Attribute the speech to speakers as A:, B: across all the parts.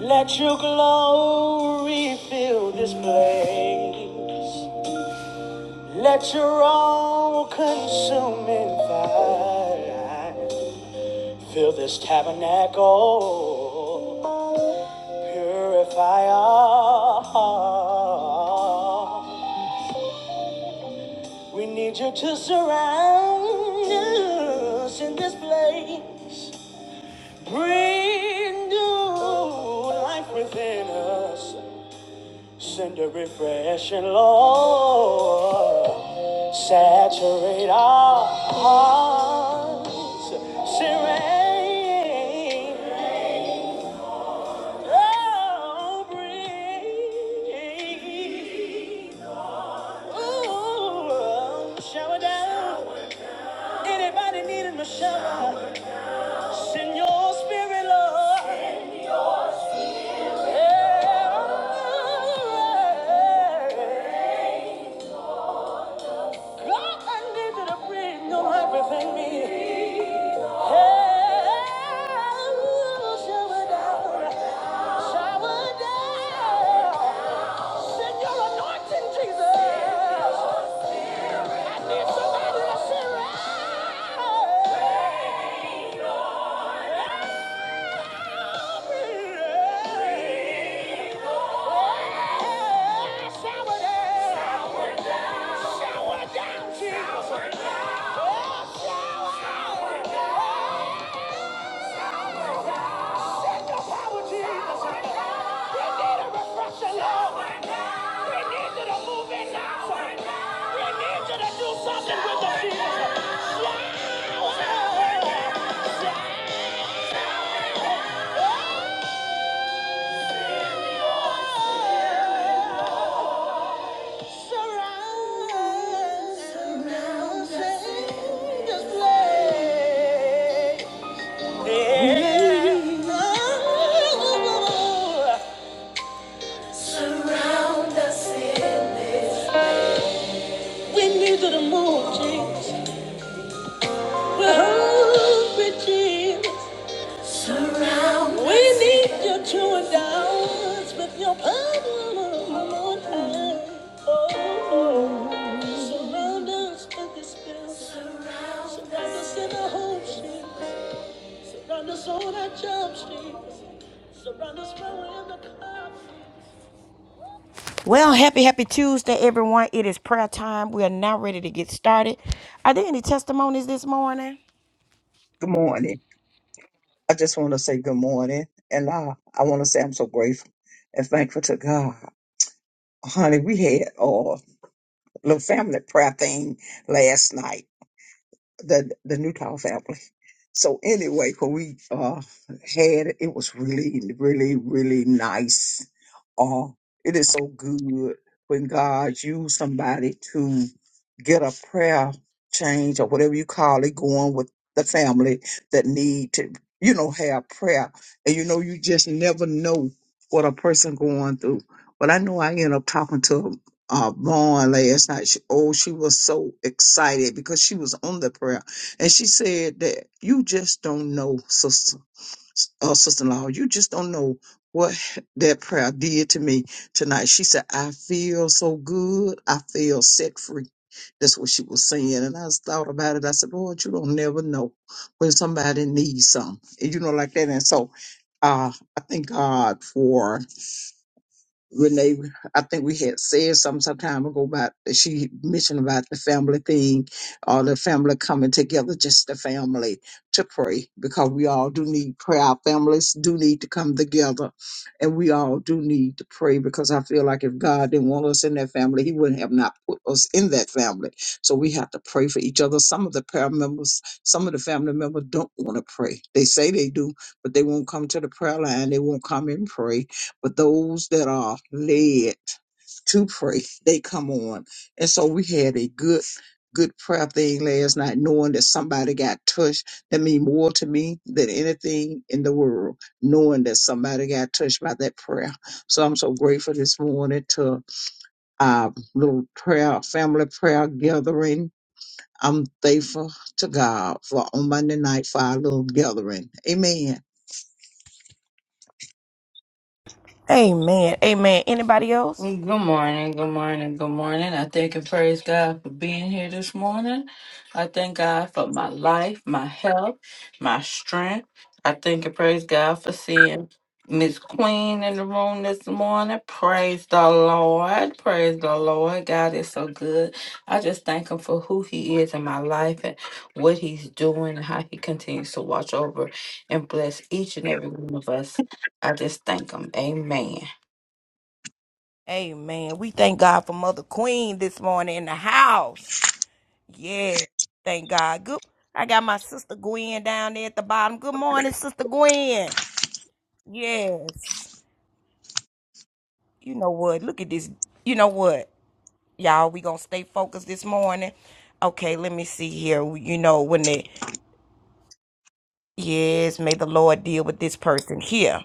A: Let your glory fill this place. Let your all consuming fire fill this tabernacle. Purify our heart. We need you to surround us in this place. Bring new life within us. Send a refreshing, Lord. Saturate our hearts. Serene. Oh, breathe. Ooh, shower down. Anybody needing a shower? Send your spirit, Lord. Yeah. God, I need you to breathe on everything me. Shower down, Jesus! Oh, shower down! We need you to move in now. We need you to do something with us, Jesus. Surround. Surround. Change this place. Yeah. We need you to move, Jesus. We're hungry, Jesus. Surround We us. need your true endowments with your power, Lord. Oh, surround us with your spirit. Surround us in our home street. Surround us on our job street. Surround us where we're in the car. Well, happy, happy Tuesday, everyone. It is prayer time. We are now ready to get started. Are there any testimonies this morning?
B: Good morning. I just want to say good morning. And I, I want to say I'm so grateful and thankful to God. Honey, we had a little family prayer thing last night the the Newtown family. So anyway, when we uh had it, it was really, really, really nice. Uh, it is so good when God used somebody to get a prayer change or whatever you call it going with the family that need to, you know, have prayer. And you know, you just never know what a person going through. But I know I end up talking to uh, Vaughn last night. She, oh, she was so excited because she was on the prayer, and she said that you just don't know, sister, uh, sister-in-law. You just don't know what that prayer did to me tonight. She said, "I feel so good. I feel set free." That's what she was saying, and I just thought about it. I said, "Lord, you don't never know when somebody needs something, and you know, like that." And so, uh, I thank God for. Renee, I think we had said some some time ago about she mentioned about the family thing, all the family coming together, just the family to pray because we all do need prayer. Our families do need to come together, and we all do need to pray because I feel like if God didn't want us in that family, He wouldn't have not put us in that family. So we have to pray for each other. Some of the prayer members, some of the family members don't want to pray. They say they do, but they won't come to the prayer line. They won't come and pray but those that are led to pray, they come on. And so we had a good, good prayer thing last night, knowing that somebody got touched. That mean more to me than anything in the world, knowing that somebody got touched by that prayer. So I'm so grateful this morning to our little prayer, family prayer gathering. I'm thankful to God for on Monday night for our little gathering. Amen.
A: Amen. Amen. Anybody else?
C: Good morning, good morning, good morning. I thank and praise God for being here this morning. I thank God for my life, my health, my strength. I thank and praise God for seeing Miss Queen in the room this morning. Praise the Lord. Praise the Lord. God is so good. I just thank Him for who He is in my life and what He's doing and how He continues to watch over and bless each and every one of us. I just thank Him. Amen.
A: Amen. We thank God for Mother Queen this morning in the house. Yeah. Thank God. Good. I got my sister Gwen down there at the bottom. Good morning, Sister Gwen. Yes. You know what? Look at this. You know what, y'all? We gonna stay focused this morning. Okay, let me see here. You know when the yes, may the Lord deal with this person here.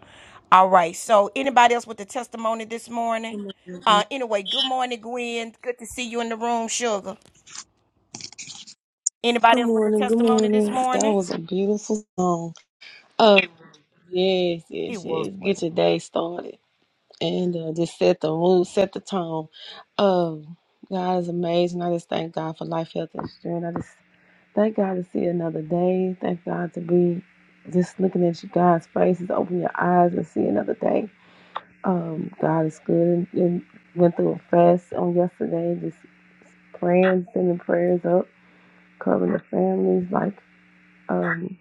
A: All right. So anybody else with a testimony this morning?
D: Good morning.
A: Uh, anyway, good morning, Gwen. Good to see you in the room, sugar.
D: Good
A: Anybody else with the
D: morning. Good
A: testimony
D: morning.
A: this
D: That
A: morning?
D: was a beautiful song. Oh, yes,
A: He
D: yes,
A: was
D: yes.
A: with
D: Get
A: it.
D: your day started and uh, just set the mood, set the tone. Oh, God is amazing. I just thank God for life, health, and strength. I just thank God to see another day. Thank God to be just looking at you God's faces, open your eyes and see another day. Um, God is good and, and went through a fast on yesterday, just praying, sending prayers up, covering the families, like Um,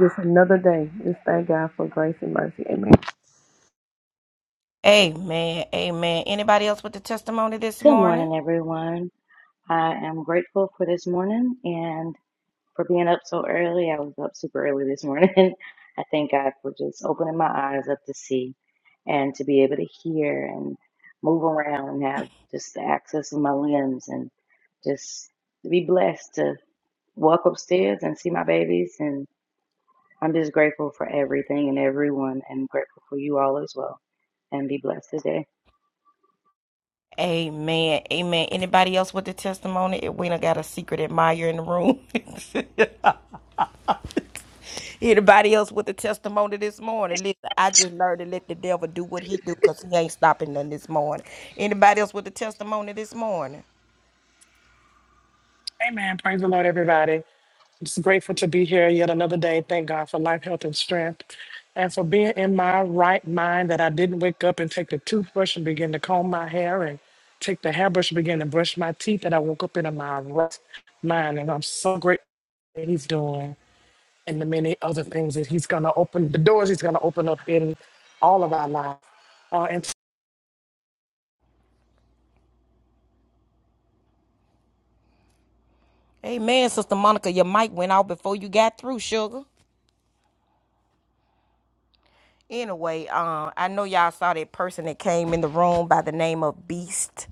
D: just another day. Just thank God for grace and mercy. Amen.
A: Amen. Amen. Anybody else with the testimony this
E: Good
A: morning?
E: morning, everyone. I am grateful for this morning and for being up so early. I was up super early this morning. I thank God for just opening my eyes up to see and to be able to hear and move around and have just the access of my limbs and just to be blessed to walk upstairs and see my babies. And I'm just grateful for everything and everyone and grateful for you all as well. And be blessed today.
A: Amen. Amen. Anybody else with the testimony? We done got a secret admirer in the room. Anybody else with the testimony this morning? Listen, I just learned to let the devil do what he do because he ain't stopping none this morning. Anybody else with the testimony this morning?
F: Amen. Praise the Lord, everybody. I'm just grateful to be here yet another day. Thank God for life, health, and strength. And for being in my right mind that I didn't wake up and take the toothbrush and begin to comb my hair and take the hairbrush and begin to brush my teeth, that I woke up in my right mind. And I'm so grateful that He's doing and the many other things that He's going to open, the doors He's going to open up in all of our lives.
A: Amen, Sister Monica. Your mic went out before you got through, sugar. Anyway, um, I know y'all saw that person that came in the room by the name of Beast.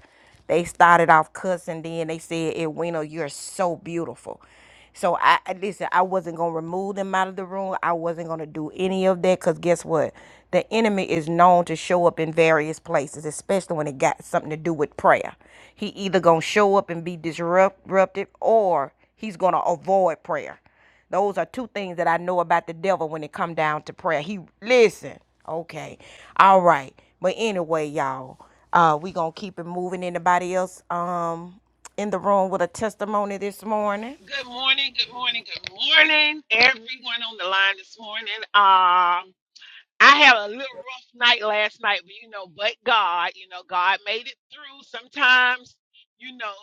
A: They started off cussing, then they said, Edwina, you're so beautiful. So I I- listen, I wasn't gonna remove them out of the room. I wasn't gonna do any of that because guess what? The enemy is known to show up in various places, especially when it got something to do with prayer. He either gonna show up and be disrupt- disruptive or he's gonna avoid prayer. Those are two things that I know about the devil when it come down to prayer. He listen. Okay. All right. But anyway, y'all, uh, we gonna keep it moving. Anybody else um in the room with a testimony this morning?
G: Good morning, good morning, good morning, everyone on the line this morning. Um, I had a little rough night last night, but you know, but God, you know, God made it through. Sometimes, you know,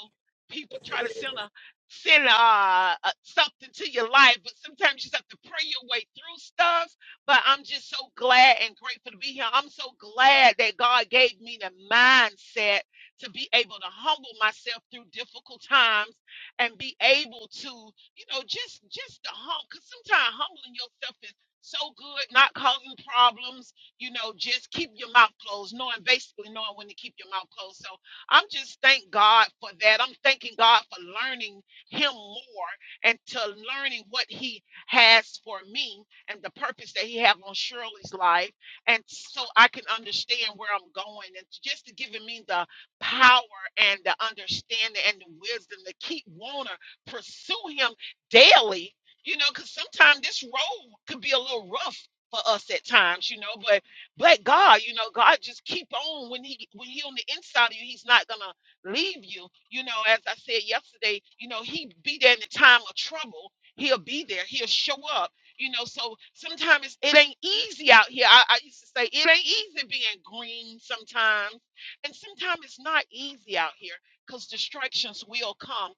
G: people try to send a send uh a, uh, something to your life, but sometimes you just have to pray your way through stuff. But I'm just so glad and grateful to be here. I'm so glad that God gave me the mindset to be able to humble myself through difficult times and be able to, you know, just just to humble. Because sometimes humbling yourself so good, not causing problems. You know, just keep your mouth closed, knowing basically knowing when to keep your mouth closed. So I'm just thank God for that. I'm thanking God for learning Him more and to learning what He has for me and the purpose that He have on Shirley's life, and so I can understand where I'm going and just to giving me the power and the understanding and the wisdom to keep wanna pursue Him daily you know, because sometimes this road could be a little rough for us at times, you know. But but God, you know, God just keep on when He when He on the inside of you, He's not gonna leave you. You know, as I said yesterday, you know, He be there in the time of trouble. He'll be there. He'll show up. You know, so sometimes it ain't easy out here. I, I used to say it ain't easy being green sometimes, and sometimes it's not easy out here because distractions will come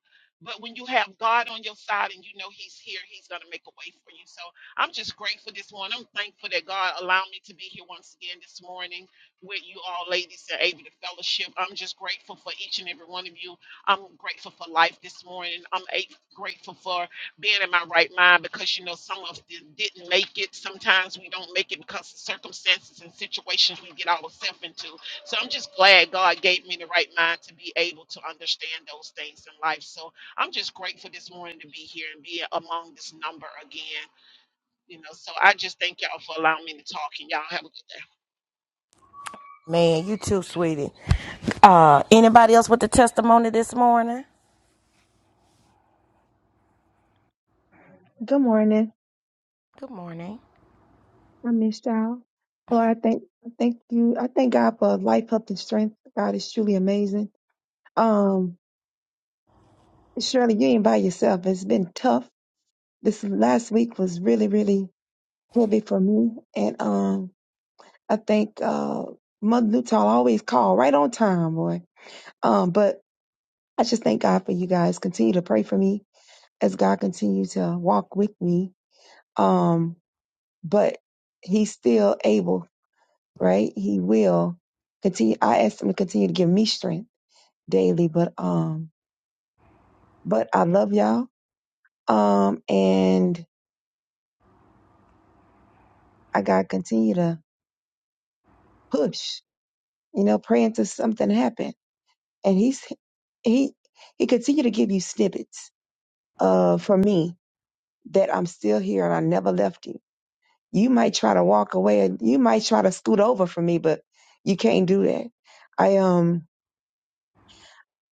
G: but when you have God on your side and you know He's here, He's going to make a way for you. So I'm just grateful this morning. I'm thankful that God allowed me to be here once again this morning with you all ladies and able to fellowship. I'm just grateful for each and every one of you. I'm grateful for life this morning. I'm a- grateful for being in my right mind because, you know, some of us di- didn't make it. Sometimes we don't make it because of circumstances and situations we get ourselves into. So I'm just glad God gave me the right mind to be able to understand those things in life. So I'm just grateful this morning to be here and be among this number again. You know, so I just thank y'all for allowing me to talk and y'all have a good day.
A: Man, you too, sweetie. Uh anybody else with a testimony this morning?
H: Good morning.
A: Good morning.
H: I missed y'all. Lord, I thank I thank you. I thank God for life, health, and strength. God is truly amazing. Um, Shirley, you ain't by yourself. It's been tough. This last week was really, really heavy for me. And um, I think uh Mother Newtall always call right on time, boy. Um, but I just thank God for you guys. Continue to pray for me as God continue to walk with me. Um, but He's still able right? He will continue. I asked him to continue to give me strength daily, but um, but I love y'all. Um, and I gotta continue to push, you know, pray until something happen. And he's he he continue to give you snippets uh for me that I'm still here and I never left you. You might try to walk away and you might try to scoot over for me, but you can't do that. I um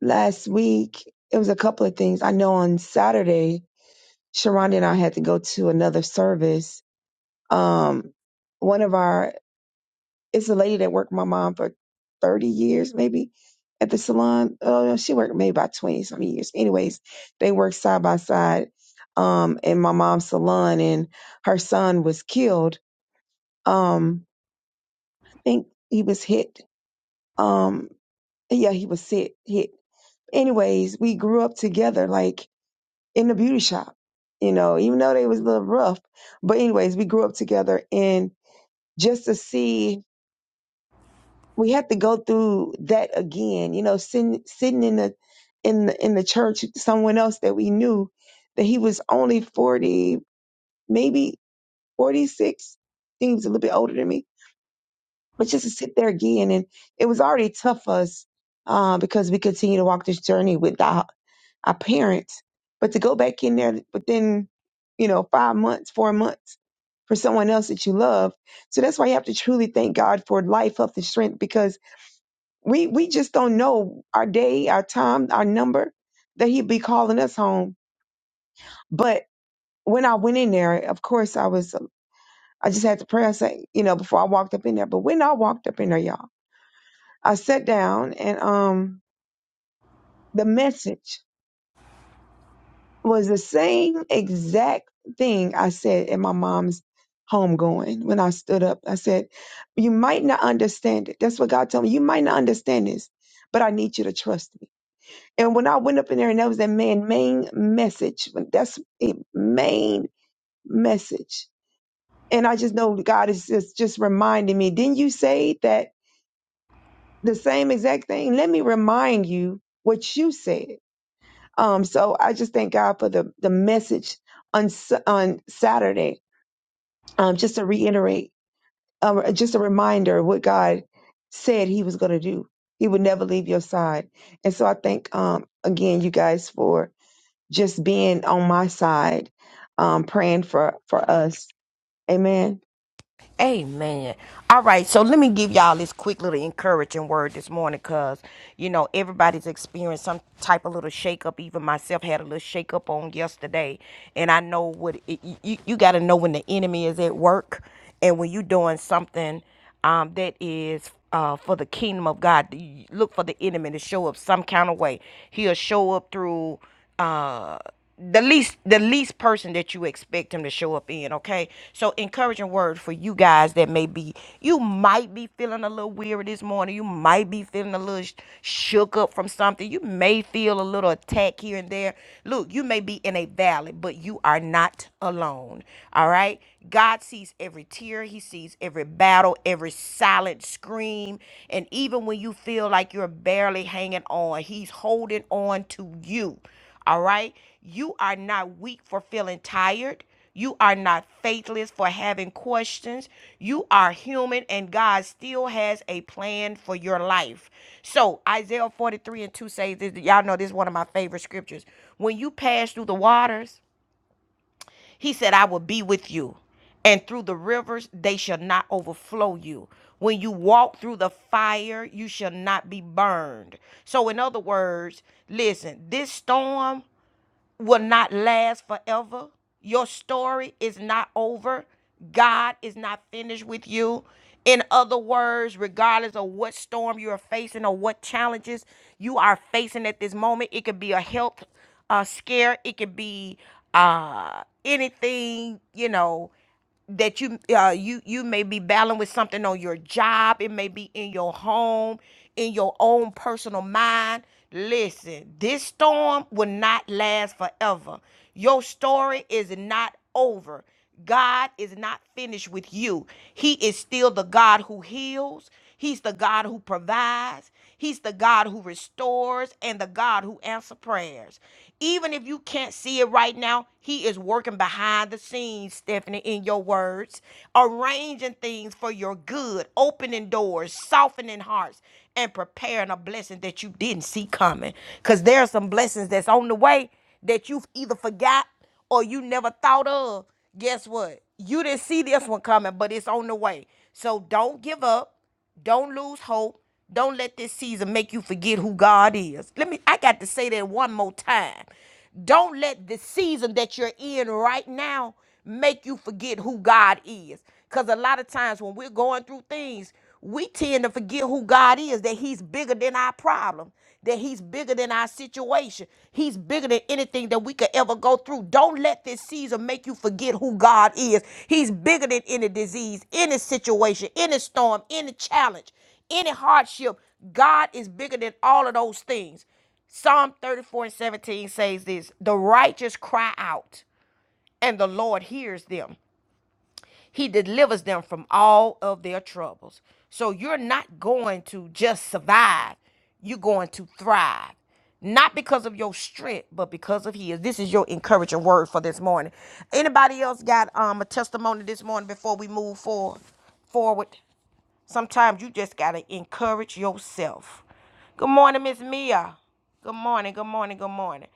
H: last week it was a couple of things. I know on Saturday Sharonda and I had to go to another service. Um, one of our, it's a lady that worked with my mom for 30 years, maybe at the salon. Uh, she worked maybe about 20 something years. Anyways, they worked side by side, um, in my mom's salon and her son was killed. Um, I think he was hit. Um, yeah, he was hit, hit. Anyways, we grew up together, like in the beauty shop, you know, even though they was a little rough, but anyways, we grew up together and just to see we had to go through that again you know sitting sitting in the in the in the church someone else that we knew that he was only 40 maybe 46 I think He was a little bit older than me but just to sit there again and it was already tough for us uh, because we continue to walk this journey with our, our parents but to go back in there within you know five months four months for someone else that you love so that's why you have to truly thank god for life health and strength because We we just don't know our day, our time, our number that he'd be calling us home. But when I went in there, of course I was I just had to pray. I said, you know, before I walked up in there. But when I walked up in there, y'all, I sat down and um the message was the same exact thing I said in my mom's homegoing when I stood up. I said, You might not understand it. That's what God told me. You might not understand this, but I need you to trust me. And when I went up in there and that was that man main message. That's it, main message. And I just know God is just, just reminding me. Didn't you say that the same exact thing? Let me remind you what you said. Um, so I just thank God for the the message on Sa- on Saturday. Um, just to reiterate, um, just a reminder of what God said He was going to do. He would never leave your side. And so I thank um again you guys for just being on my side, um, praying for, for us. Amen.
A: Amen. All right, so let me give y'all this quick little encouraging word this morning because, you know, everybody's experienced some type of little shakeup. Even myself had a little shakeup on yesterday. And I know what it, you, you got to know when the enemy is at work and when you're doing something um, that is uh, for the kingdom of God. You Look for the enemy to show up some kind of way. He'll show up through uh, the least the least person that you expect him to show up in. Okay, so encouraging word for you guys that may be you might be feeling a little weary this morning. You might be feeling a little sh- shook up from something. You may feel a little attack here and there. Look, you may be in a valley, but you are not alone. All right. God sees every tear, He sees every battle, every silent scream. And even when you feel like you're barely hanging on, He's holding on to you. All right? You are not weak for feeling tired. You are not faithless for having questions. You are human, and God still has a plan for your life. So, Isaiah 43 and 2 says this. Y'all know this is one of my favorite scriptures. When you pass through the waters, he said, I will be with you, and through the rivers they shall not overflow you. When you walk through the fire, you shall not be burned. So, in other words, listen, this storm will not last forever. Your story is not over. God is not finished with you. In other words, regardless of what storm you are facing or what challenges you are facing at this moment, it could be a health uh, scare, it could be uh, anything, you know, that you uh, you you may be battling with something on your job. It may be in your home, in your own personal mind. Listen, this storm will not last forever. Your story is not over. God is not finished with you. He is still the God who heals. He's the God who provides. He's the God who restores and the God who answers prayers. Even if you can't see it right now, He is working behind the scenes, Stephanie, in your words, arranging things for your good, opening doors, softening hearts, and preparing a blessing that you didn't see coming. Because there are some blessings that's on the way that you've either forgot or you never thought of. Guess what? You didn't see this one coming, but it's on the way. So don't give up don't lose hope. Don't let this season make you forget who God is. Let me I got to say that one more time. Don't let the season that you're in right now make you forget who God is. Cuz a lot of times when we're going through things, we tend to forget who God is, that he's bigger than our problem that he's bigger than our situation. He's bigger than anything that we could ever go through. Don't let this season make you forget who God is. He's bigger than any disease, any situation, any storm, any challenge, any hardship. God is bigger than all of those things. Psalm 34 and 17 says this The righteous cry out, and the Lord hears them. He delivers them from all of their troubles. So you're not going to just survive, you're going to thrive. Not because of your strength, but because of his. This is your encouraging word for this morning. Anybody else got um a testimony this morning before we move forward? Forward. Sometimes you just gotta encourage yourself. Good morning, Miss Mia. Good morning, good morning, good morning.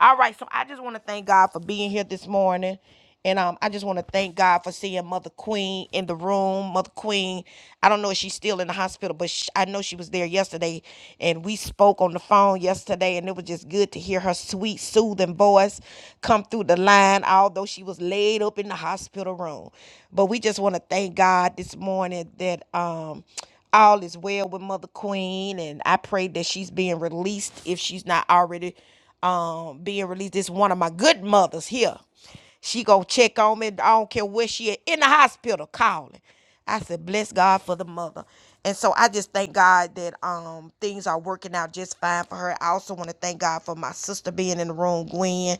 A: All right, so I just want to thank God for being here this morning. And um, I just want to thank God for seeing Mother Queen in the room. Mother Queen, I don't know if she's still in the hospital, but sh I know she was there yesterday. And we spoke on the phone yesterday, and it was just good to hear her sweet, soothing voice come through the line, although she was laid up in the hospital room. But we just want to thank God this morning that um, all is well with Mother Queen, and I pray that she's being released if she's not already um being released. This one of my good mothers here. She go check on me. I don't care where she at in the hospital calling. I said, bless God for the mother. And so I just thank God that um things are working out just fine for her. I also want to thank God for my sister being in the room, Gwen.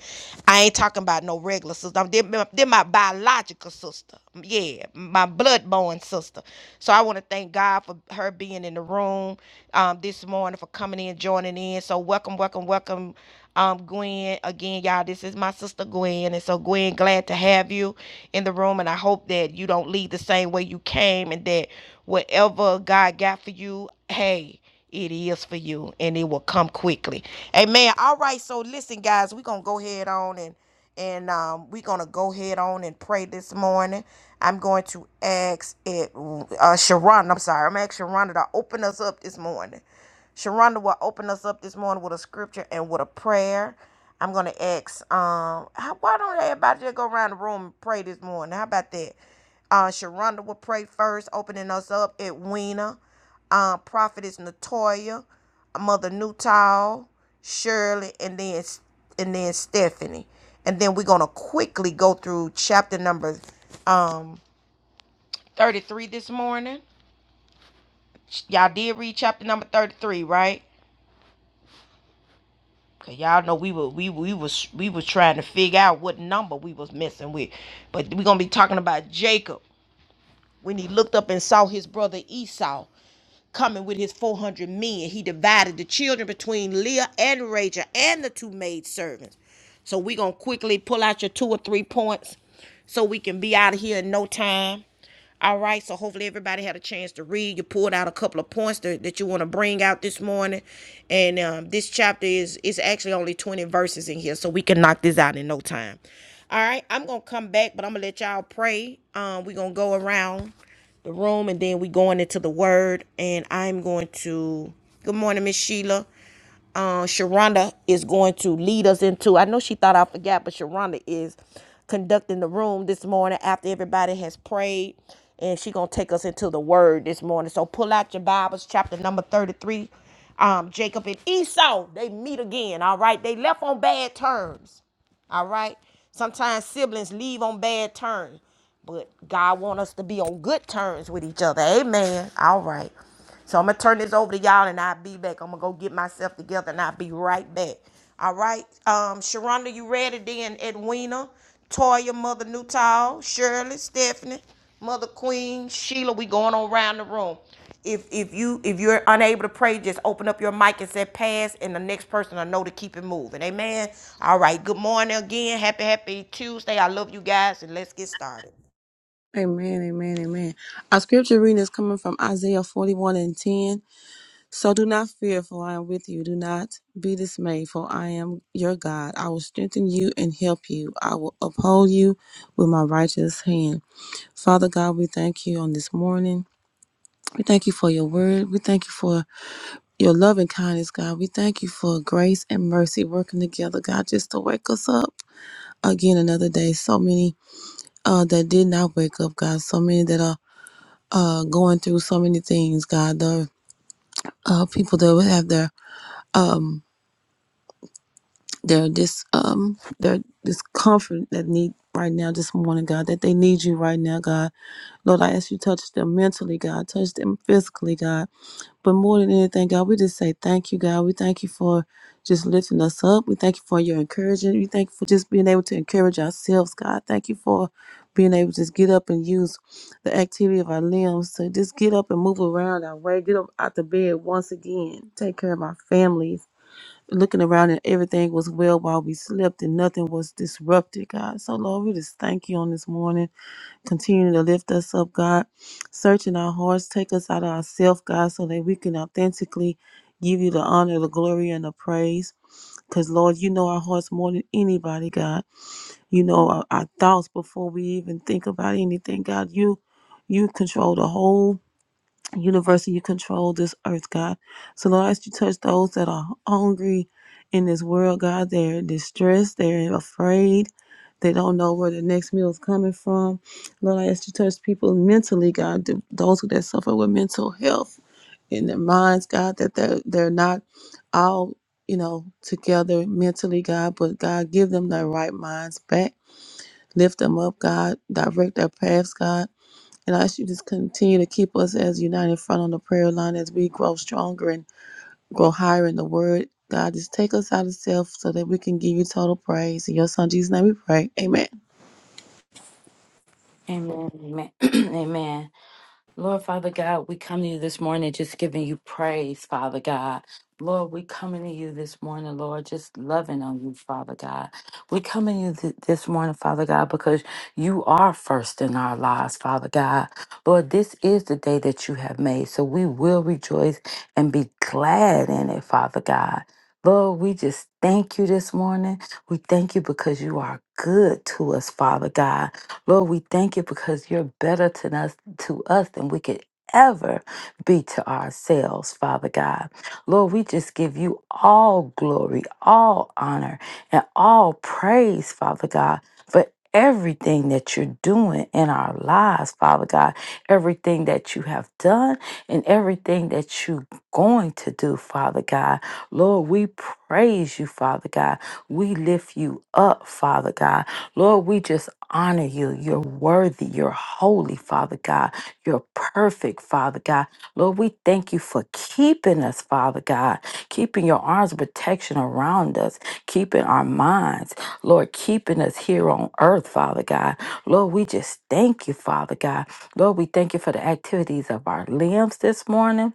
A: I ain't talking about no regular sister. I'm then, then my biological biological sister. Yeah, my blood-born sister. So I want to thank God for her being in the room um, this morning, for coming in, joining in. So welcome, welcome, welcome, um, Gwen. Again, y'all, this is my sister Gwen. And so, Gwen, glad to have you in the room. And I hope that you don't leave the same way you came and that whatever God got for you, hey, it is for you and it will come quickly. Amen. All right. So listen, guys, we're gonna go ahead on and and um, we're going to go ahead on and pray this morning. I'm going to ask it, uh, Sharonda. I'm sorry. I'm asking Sharonda to open us up this morning. Sharonda will open us up this morning with a scripture and with a prayer. I'm gonna ask, um, how, why don't everybody just go around the room and pray this morning? How about that? Uh, Sharonda will pray first, opening us up at Weena. Uh, Prophetess Natoya, Mother Newtall, Shirley, and then and then Stephanie and then we're going to quickly go through chapter number um 33 this morning y'all did read chapter number 33 right because y'all know we were we we was we was trying to figure out what number we was messing with but we're gonna be talking about jacob when he looked up and saw his brother esau coming with his 400 men. He divided the children between Leah and Rachel and the two maidservants. So we're going to quickly pull out your two or three points so we can be out of here in no time. All right, so hopefully everybody had a chance to read. You pulled out a couple of points that, that you want to bring out this morning. And um, this chapter is is actually only 20 verses in here, so we can knock this out in no time. All right, I'm going to come back, but I'm going to let y'all pray. Um, we're going to go around the room and then we going into the word and I'm going to good morning, Miss Sheila. Uh, Sharonda is going to lead us into I know she thought I forgot, but Sharonda is conducting the room this morning after everybody has prayed and she gonna take us into the word this morning. So pull out your Bibles, chapter number 33. Um, Jacob and Esau, they meet again. All right. They left on bad terms. All right. Sometimes siblings leave on bad terms, but God wants us to be on good terms with each other. Amen. All right. So I'm gonna turn this over to y'all, and I'll be back. I'm gonna go get myself together, and I'll be right back. All right. Um, Sharonda, you ready? Then Edwina, Toya, Mother Newtall, Shirley, Stephanie, Mother Queen, Sheila. We going on around the room. If if you if you're unable to pray, just open up your mic and say pass, and the next person will know to keep it moving. Amen. All right. Good morning again. Happy happy Tuesday. I love you guys, and let's get started.
D: Amen, amen, amen. Our scripture reading is coming from Isaiah 41 and 10. So do not fear, for I am with you. Do not be dismayed, for I am your God. I will strengthen you and help you. I will uphold you with my righteous hand. Father God, we thank you on this morning. We thank you for your word. We thank you for your love and kindness, God. We thank you for grace and mercy working together, God, just to wake us up again another day. So many uh, that did not wake up, God. So many that are uh, going through so many things, God. The uh, people that would have their um, their dis um, their discomfort that need right now this morning, God. That they need you right now, God. Lord, I ask you touch them mentally, God. Touch them physically, God. But more than anything, God, we just say thank you, God. We thank you for just lifting us up. We thank you for your encouragement. We thank you for just being able to encourage ourselves, God. Thank you for being able to just get up and use the activity of our limbs to just get up and move around our way, get up out the bed once again, take care of our families. Looking around and everything was well while we slept and nothing was disrupted, God. So, Lord, we just thank you on this morning. Continue to lift us up, God. Searching our hearts, take us out of ourselves, God, so that we can authentically give you the honor, the glory, and the praise. Because, Lord, you know our hearts more than anybody, God. You know our, our thoughts before we even think about anything, God. You you control the whole Universal, you control this earth, God. So, Lord, I ask you to touch those that are hungry in this world, God. They're distressed, they're afraid, they don't know where the next meal is coming from. Lord, I ask you to touch people mentally, God. th- Those who that suffer with mental health in their minds, God, that they're, they're not all, you know, together mentally, God, but God, give them their right minds back. Lift them up, God. Direct their paths, God. And I ask you to just continue to keep us as united front on the prayer line as we grow stronger and grow higher in the word. God, just take us out of self so that we can give you total praise. In your son Jesus' name we pray. Amen.
C: Amen. Amen. Amen. Lord Father God, we come to you this morning just giving you praise, Father God. Lord, we coming to you this morning, Lord, just loving on you, Father God. We coming to you th- this morning, Father God, because you are first in our lives, Father God. Lord, this is the day that you have made, so we will rejoice and be glad in it, Father God. Lord, we just thank you this morning. We thank you because you are good to us, Father God. Lord, we thank you because you're better to us to us than we could ever be to ourselves, Father God. Lord, we just give you all glory, all honor, and all praise, Father God, for everything that you're doing in our lives, Father God, everything that you have done and everything that you're going to do, Father God. Lord, we praise you, Father God. We lift you up, Father God. Lord, we just honor you. You're worthy. You're holy, Father God. You're perfect, Father God. Lord, we thank you for keeping us, Father God, keeping your arms of protection around us, keeping our minds, Lord, keeping us here on earth, Father God. Lord, we just thank you, Father God. Lord, we thank you for the activities of our limbs this morning.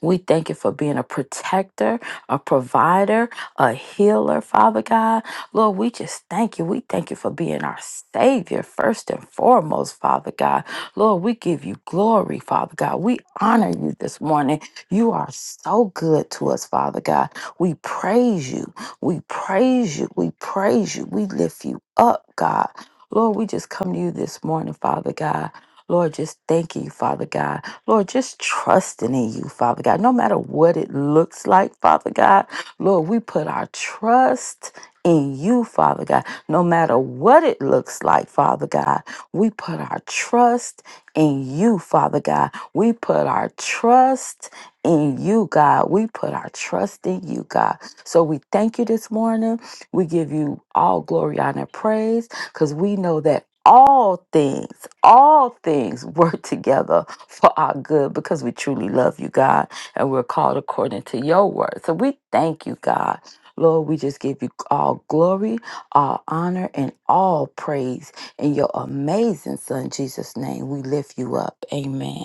C: We thank you for being a protector, a provider, a healer, Father God. Lord, we just thank you. We thank you for being our Savior, first and foremost, Father God. Lord, we give you glory, Father God. We honor you this morning. You are so good to us, Father God. We praise you. We praise you. We praise you. We lift you up, God. Lord, we just come to you this morning, Father God. Lord, just thank you, Father God. Lord, just trusting in you, Father God, no matter what it looks like, Father God. Lord, we put our trust in you, Father God, no matter what it looks like, Father God. We put our trust in you, Father God. We put our trust in you, God. We put our trust in you, God. So we thank you this morning. We give you all glory, honor, and praise, because we know that all things, all things work together for our good because we truly love you, God, and we're called according to your word. So we thank you, God. Lord, we just give you all glory, all honor, and all praise in your amazing Son, Jesus' name. We lift you up. Amen.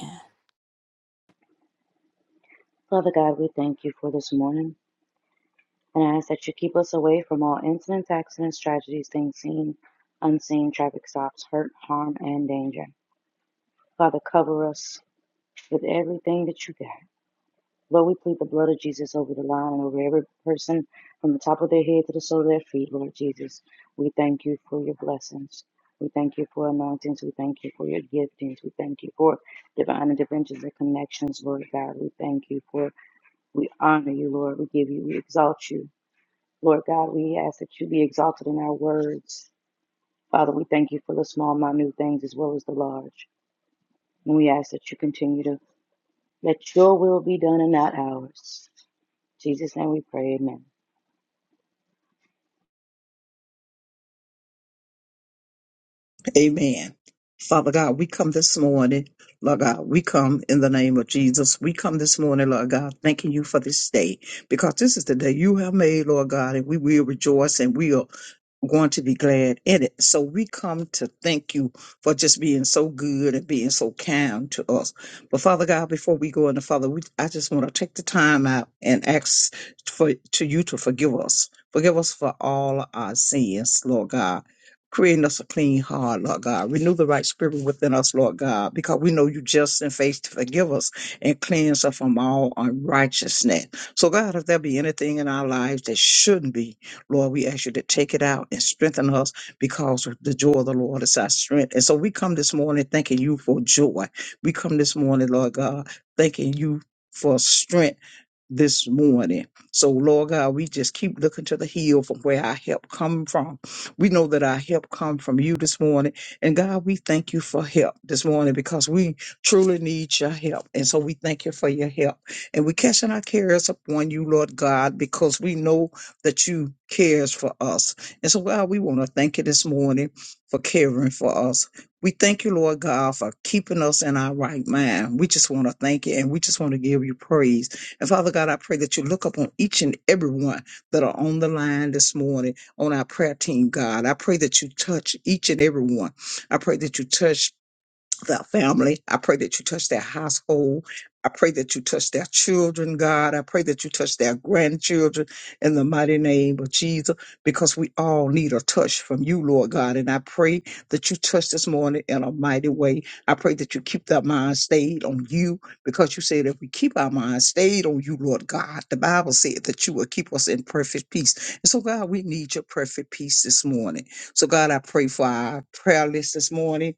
E: Father God, we thank you for this morning. and ask that you keep us away from all incidents, accidents, tragedies, things seen, unseen, traffic stops, hurt, harm, and danger. Father, cover us with everything that you got. Lord, we plead the blood of Jesus over the line and over every person from the top of their head to the sole of their feet, Lord Jesus. We thank you for your blessings. We thank you for anointings. We thank you for your giftings. We thank you for divine interventions and connections, Lord God. We thank you for, we honor you, Lord. We give you, we exalt you. Lord God, we ask that you be exalted in our words. Father, we thank you for the small, minute things as well as the large. And we ask that you continue to let your will be done and not ours. In Jesus' name we pray, amen.
B: Amen. Father God, we come this morning, Lord God, we come in the name of Jesus. We come this morning, Lord God, thanking you for this day because this is the day you have made, Lord God, and we will rejoice and we are going to be glad in it. So we come to thank you for just being so good and being so kind to us. But Father God, before we go into Father, we, I just want to take the time out and ask for to you to forgive us. Forgive us for all our sins, Lord God. Creating us a clean heart, Lord God. Renew the right spirit within us, Lord God, because we know you just and faith to forgive us and cleanse us from all unrighteousness. So, God, if there be anything in our lives that shouldn't be, Lord, we ask you to take it out and strengthen us because of the joy of the Lord is our strength. And so we come this morning thanking you for joy. We come this morning, Lord God, thanking you for strength this morning. So, Lord God, we just keep looking to the hill from where our help come from. We know that our help come from you this morning. And God, we thank you for help this morning because we truly need your help. And so we thank you for your help. And we casting our cares upon you, Lord God, because we know that you cares for us. And so, God, we want to thank you this morning for caring for us. We thank you, Lord God, for keeping us in our right mind. We just want to thank you and we just want to give you praise. And Father God, I pray that you look upon each and every one that are on the line this morning on our prayer team, God. I pray that you touch each and every one. I pray that you touch that family. I pray that you touch their household. I pray that you touch their children, God. I pray that you touch their grandchildren in the mighty name of Jesus, because we all need a touch from you, Lord God. And I pray that you touch this morning in a mighty way. I pray that you keep that mind stayed on you, because you said if we keep our mind stayed on you, Lord God, the Bible said that you will keep us in perfect peace. And so, God, we need your perfect peace this morning. So, God, I pray for our prayer list this morning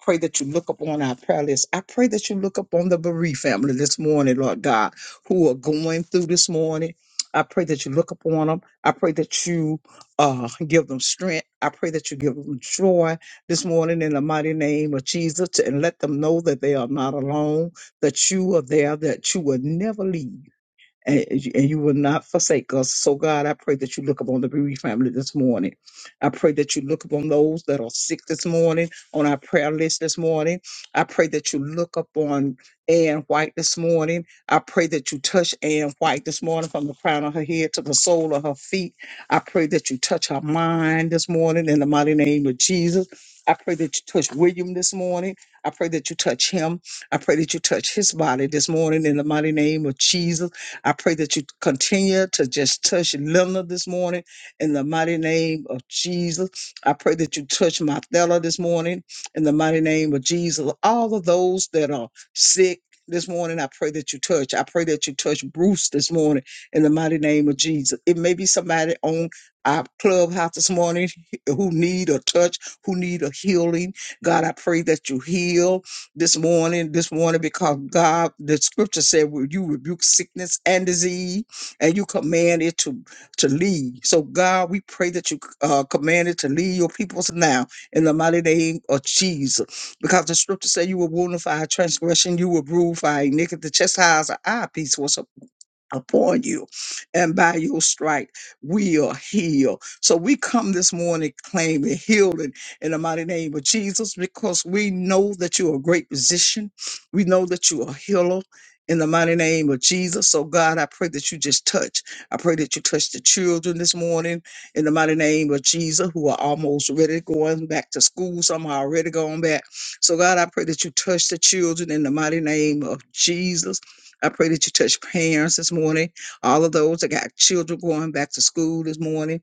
B: pray that you look up on our prayer list. I pray that you look up on the bereaved family this morning, Lord God, who are going through this morning. I pray that you look up on them. I pray that you uh, give them strength. I pray that you give them joy this morning in the mighty name of Jesus and let them know that they are not alone, that you are there, that you will never leave and and you will not forsake us. So, God, I pray that you look upon the bereaved family this morning. I pray that you look upon those that are sick this morning, on our prayer list this morning. I pray that you look upon Ann White this morning. I pray that you touch Ann White this morning from the crown of her head to the sole of her feet. I pray that you touch her mind this morning in the mighty name of Jesus. I pray that you touch William this morning. I pray that you touch him. I pray that you touch his body this morning in the mighty name of Jesus. I pray that you continue to just touch Lilna this morning in the mighty name of Jesus. I pray that you touch Marthella this morning in the mighty name of Jesus. All of those that are sick this morning, I pray that you touch. I pray that you touch Bruce this morning in the mighty name of Jesus. It may be somebody on our clubhouse this morning who need a touch, who need a healing. God, I pray that you heal this morning, this morning, because God, the scripture said, "Will you rebuke sickness and disease, and you command it to to leave?" So, God, we pray that you uh, command it to leave your peoples now in the mighty name of Jesus, because the scripture said, "You will wound for our transgression, you will bruise for our iniquity. The chastisement of our peace was upon." upon you, and by your stripe we are healed. So we come this morning claiming healing in the mighty name of Jesus because we know that you're a great physician. We know that you are a healer. In the mighty name of Jesus. So, God, I pray that you just touch. I pray that you touch the children this morning in the mighty name of Jesus who are almost ready going back to school. Some are already going back. So, God, I pray that you touch the children in the mighty name of Jesus. I pray that you touch parents this morning, all of those that got children going back to school this morning.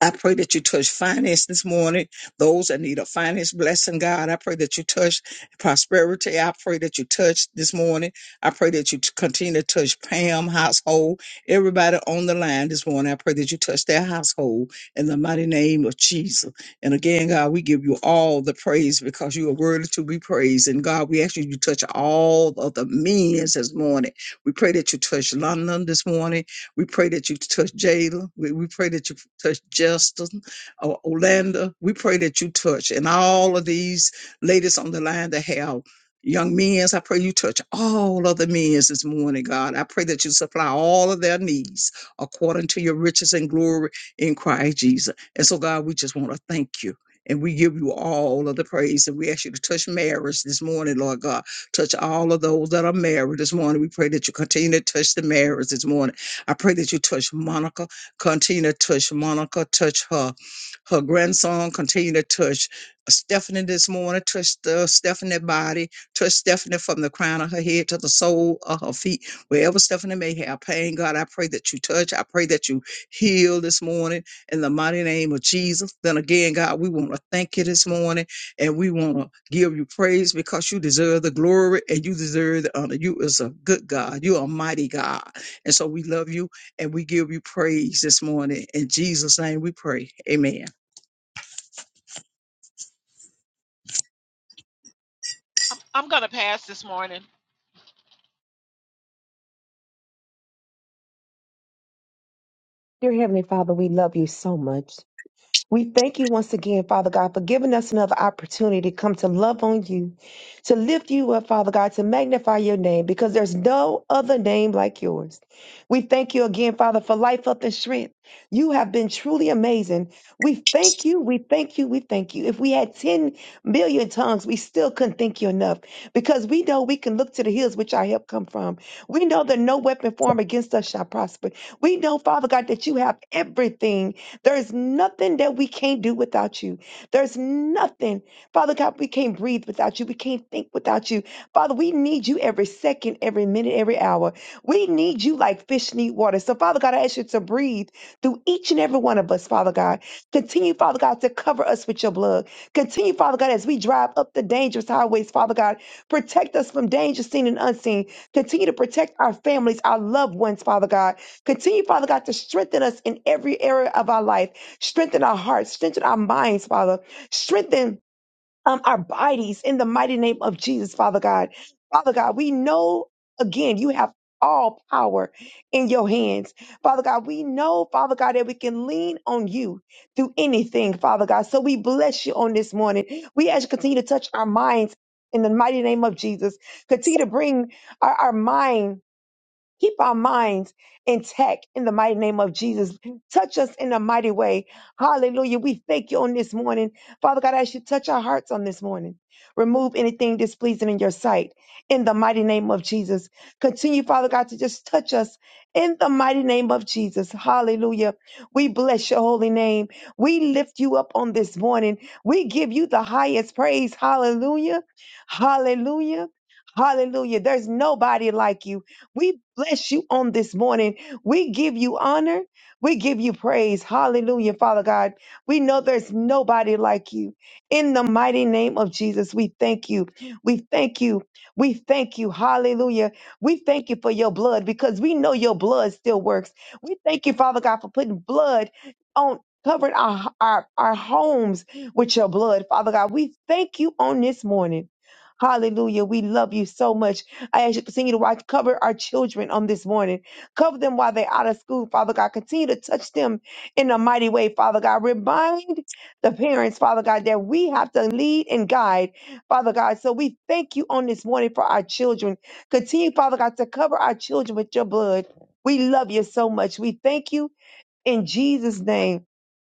B: I pray that you touch finance this morning. Those that need a finance blessing, God, I pray that you touch prosperity. I pray that you touch this morning. I pray that you t- continue to touch Pam household. Everybody on the line this morning, I pray that you touch their household in the mighty name of Jesus. And again, God, we give you all the praise because you are worthy to be praised. And God, we ask you to touch all of the means this morning. We pray that you touch London this morning. We pray that you touch Jada. We, we pray that you touch Justin, uh, Orlando. We pray that you touch and all of these ladies on the line that have young men's. I pray you touch all of the men's this morning, God. I pray that you supply all of their needs according to your riches and glory in Christ Jesus. And so, God, we just want to thank you. And we give you all of the praise. And we ask you to touch marriage this morning, Lord God. Touch all of those that are married this morning. We pray that you continue to touch the marriage this morning. I pray that you touch Monica, continue to touch Monica, touch her, her grandson, continue to touch Stephanie this morning, touch the Stephanie body, touch Stephanie from the crown of her head to the sole of her feet, wherever Stephanie may have pain. God, I pray that you touch. I pray that you heal this morning in the mighty name of Jesus. Then again, God, we want to thank you this morning and we want to give you praise because you deserve the glory and you deserve the honor. You is a good God. You are a mighty God. And so we love you and we give you praise this morning. In Jesus' name we pray. Amen.
G: I'm, I'm going to pass this morning.
H: Dear Heavenly Father, we love you so much. We thank you once again, Father God, for giving us another opportunity to come to love on you, to lift you up, Father God, to magnify your name, because there's no other name like yours. We thank you again, Father, for life, up and strength. You have been truly amazing. We thank you, we thank you, we thank you. If we had 10 million tongues, we still couldn't thank you enough, because we know we can look to the hills which our help come from. We know that no weapon formed against us shall prosper. We know, Father God, that you have everything there's nothing that we can't do without you. There's nothing, Father God, we can't breathe without you. We can't think without you. Father, we need you every second, every minute, every hour. We need you like fish need water. So, Father God, I ask you to breathe through each and every one of us, Father God. Continue, Father God, to cover us with your blood. Continue, Father God, as we drive up the dangerous highways, Father God. Protect us from danger seen and unseen. Continue to protect our families, our loved ones, Father God. Continue, Father God, to strengthen us in every area of our life. Strengthen our hearts. Strengthen our minds, Father. Strengthen um, our bodies in the mighty name of Jesus, Father God. Father God, we know again you have all power in your hands. Father God, we know, Father God, that we can lean on you through anything, Father God. So we bless you on this morning. We ask you to continue to touch our minds in the mighty name of Jesus. Continue to bring our, our mind Keep our minds intact in the mighty name of Jesus. Touch us in a mighty way. Hallelujah. We thank you on this morning. Father God, I ask you to touch our hearts on this morning. Remove anything displeasing in your sight in the mighty name of Jesus. Continue, Father God, to just touch us in the mighty name of Jesus. Hallelujah. We bless your holy name. We lift you up on this morning. We give you the highest praise. Hallelujah. Hallelujah. Hallelujah. There's nobody like you. We bless you on this morning. We give you honor. We give you praise. Hallelujah, Father God. We know there's nobody like you. In the mighty name of Jesus, we thank you. We thank you. We thank you. Hallelujah. We thank you for your blood because we know your blood still works. We thank you, Father God, for putting blood on covering our, our, our homes with your blood, Father God. We thank you on this morning. Hallelujah. We love you so much. I ask you to continue to watch, cover our children on this morning. Cover them while they're out of school, Father God. Continue to touch them in a mighty way, Father God. Remind the parents, Father God, that we have to lead and guide, Father God. So we thank you on this morning for our children. Continue, Father God, to cover our children with your blood. We love you so much. We thank you in Jesus' name.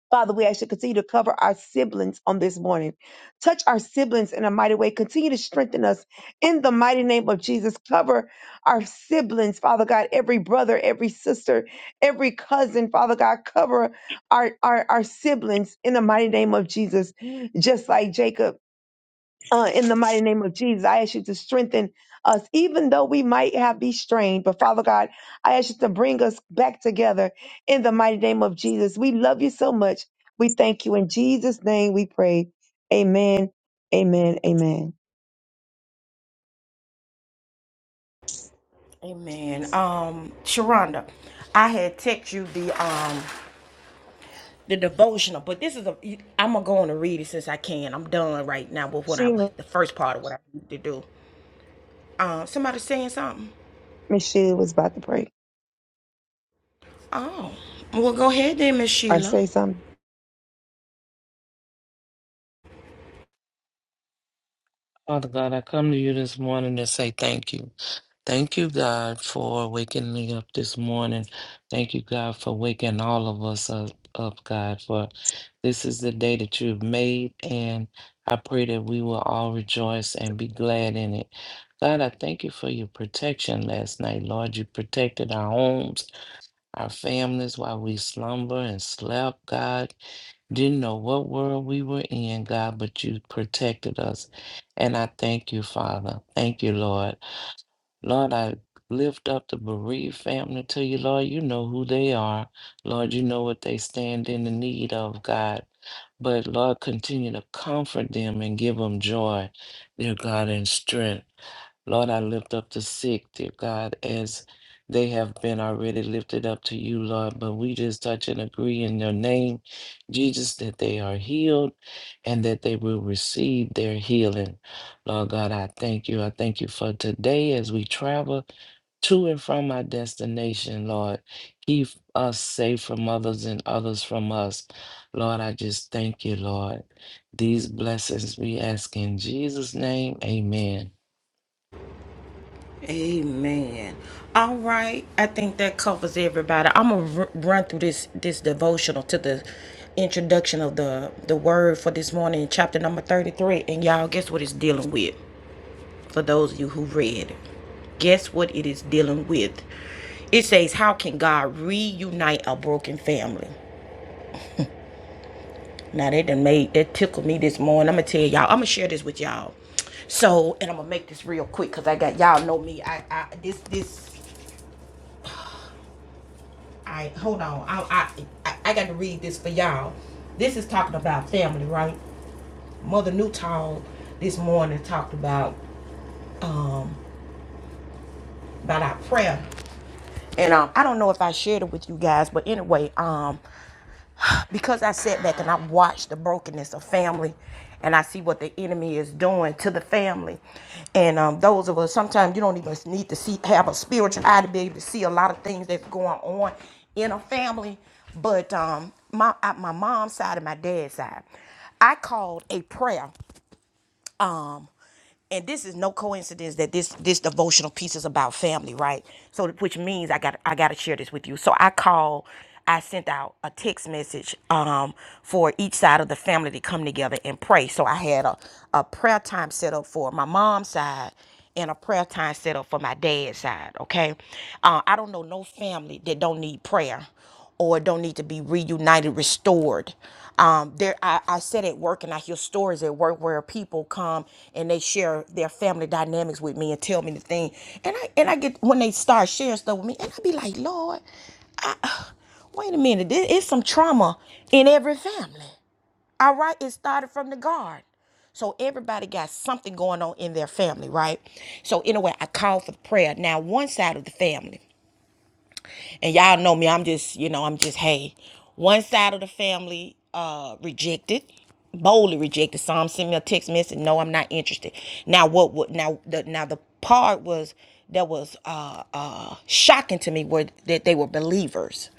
H: Father, we ask you to continue to cover our siblings on this morning. Touch our siblings in a mighty way. Continue to strengthen us in the mighty name of Jesus. Cover our siblings, Father God, every brother, every sister, every cousin, Father God. Cover our, our, our siblings in the mighty name of Jesus. Just like Jacob uh, in the mighty name of Jesus. I ask you to strengthen us, even though we might have be strained. But Father God, I ask you to bring us back together in the mighty name of Jesus. We love you so much. We thank you in Jesus' name. We pray. Amen. Amen. Amen.
A: Amen. Um, Sharonda, I had text you the um the devotional, but this is a I'm gonna go on and read it since I can. I'm done right now with what I
H: Sheila,
A: the first part of what I need to do. Um, somebody saying something.
H: Miss Sheila was about to pray
A: Oh, well, go ahead then, Miss
H: or
A: Sheila.
H: say something.
I: Father God, I come to you this morning to say thank you. Thank you, God, for waking me up this morning. Thank you, God, for waking all of us up, up, God, for this is the day that you have made, and I pray that we will all rejoice and be glad in it. God, I thank you for your protection last night, Lord. You protected our homes, our families while we slumber and slept, God. Didn't know what world we were in, God, but you protected us. And I thank you, Father. Thank you, Lord. Lord, I lift up the bereaved family to you, Lord. You know who they are. Lord, you know what they stand in the need of, God. But Lord, continue to comfort them and give them joy, dear God, and strength. Lord, I lift up the sick, dear God, as they have been already lifted up to you, Lord. But we just touch and agree in your name, Jesus, that they are healed and that they will receive their healing. Lord God, I thank you. I thank you for today as we travel to and from our destination, Lord. Keep us safe from others and others from us. Lord, I just thank you, Lord. These blessings we ask in Jesus' name. Amen.
A: Amen. All right, I think that covers everybody. I'm gonna r- run through this this devotional to the introduction of the the word for this morning, chapter number 33. And y'all, guess what it's dealing with? For those of you who read, it. guess what it is dealing with? It says, "How can God reunite a broken family?" Now that done made that tickled me this morning. I'm gonna tell y'all. I'm gonna share this with y'all. So, and I'm gonna make this real quick because I got y'all know me. I, I this this I hold on. I I I- got to read this for y'all. This is talking about family, right? Mother Newtall this morning talked about um about our prayer, and um I don't know if I shared it with you guys, but anyway, um because I sat back and I watched the brokenness of family and I see what the enemy is doing to the family. And um, those of us, sometimes you don't even need to see, have a spiritual eye to be able to see a lot of things that's going on in a family. But um, my, my mom's side and my dad's side, I called a prayer um and this is no coincidence that this this devotional piece is about family right so which means i got i got to share this with you so i call i sent out a text message um for each side of the family to come together and pray so i had a a prayer time set up for my mom's side and a prayer time set up for my dad's side okay uh, i don't know no family that don't need prayer or don't need to be reunited, restored. Um, there, I, I said at work, and I hear stories at work where people come and they share their family dynamics with me and tell me the thing, and I and I get when they start sharing stuff with me, and I be like, Lord, I, wait a minute, there is some trauma in every family. All right, it started from the garden, So everybody got something going on in their family, right? So anyway, I called for prayer. Now one side of the family, and y'all know me, I'm just, you know, I'm just, hey, one side of the family uh rejected, boldly rejected. Some sent me a text message, no, I'm not interested. Now what would now the now the part was that was uh uh shocking to me were that they were believers.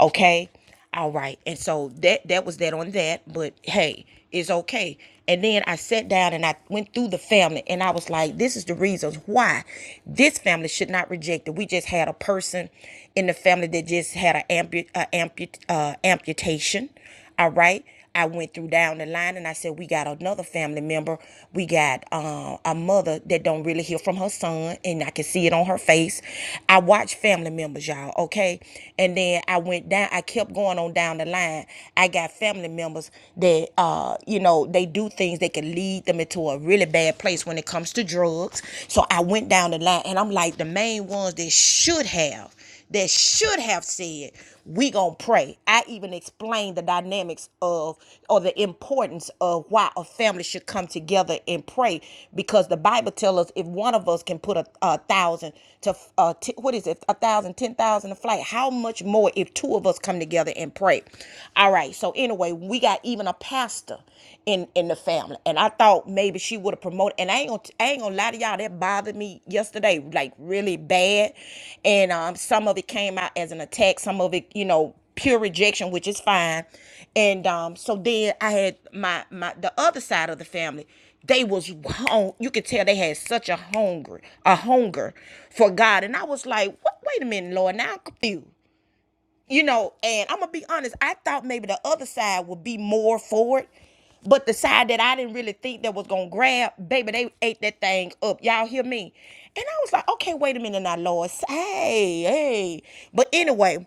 A: Okay. All right. And so that that was that on that, but hey, it's okay. And then I sat down and I went through the family and I was like, this is the reasons why this family should not reject it. We just had a person in the family that just had an ampu- a ampu- uh, amputation. All right. I went through down the line and I said, we got another family member. We got uh, a mother that don't really hear from her son and I can see it on her face. I watch family members, y'all, okay? And then I went down, I kept going on down the line. I got family members that, uh, you know, they do things that can lead them into a really bad place when it comes to drugs. So I went down the line and I'm like, the main ones that should have that should have said, we gonna pray. I even explained the dynamics of or the importance of why a family should come together and pray because the Bible tells us if one of us can put a, a thousand to uh, t- what is it a thousand ten thousand a flight how much more if two of us come together and pray all right so anyway we got even a pastor in in the family and and I thought maybe she would have promoted. And I ain't gonna, I ain't gonna lie to y'all, that bothered me yesterday, like really bad. And um, some of it came out as an attack, some of it, you know, pure rejection, which is fine. And um, so then I had my my the other side of the family. They was hung, you could tell they had such a hunger, a hunger for God. And I was like, what? Wait a minute, Lord, now I'm confused you know, and I'm gonna be honest, I thought maybe the other side would be more for it, but the side that I didn't really think that was gonna grab, baby, they ate that thing up. Y'all hear me? And I was like, okay, wait a minute now, Lord. Hey, hey. But anyway,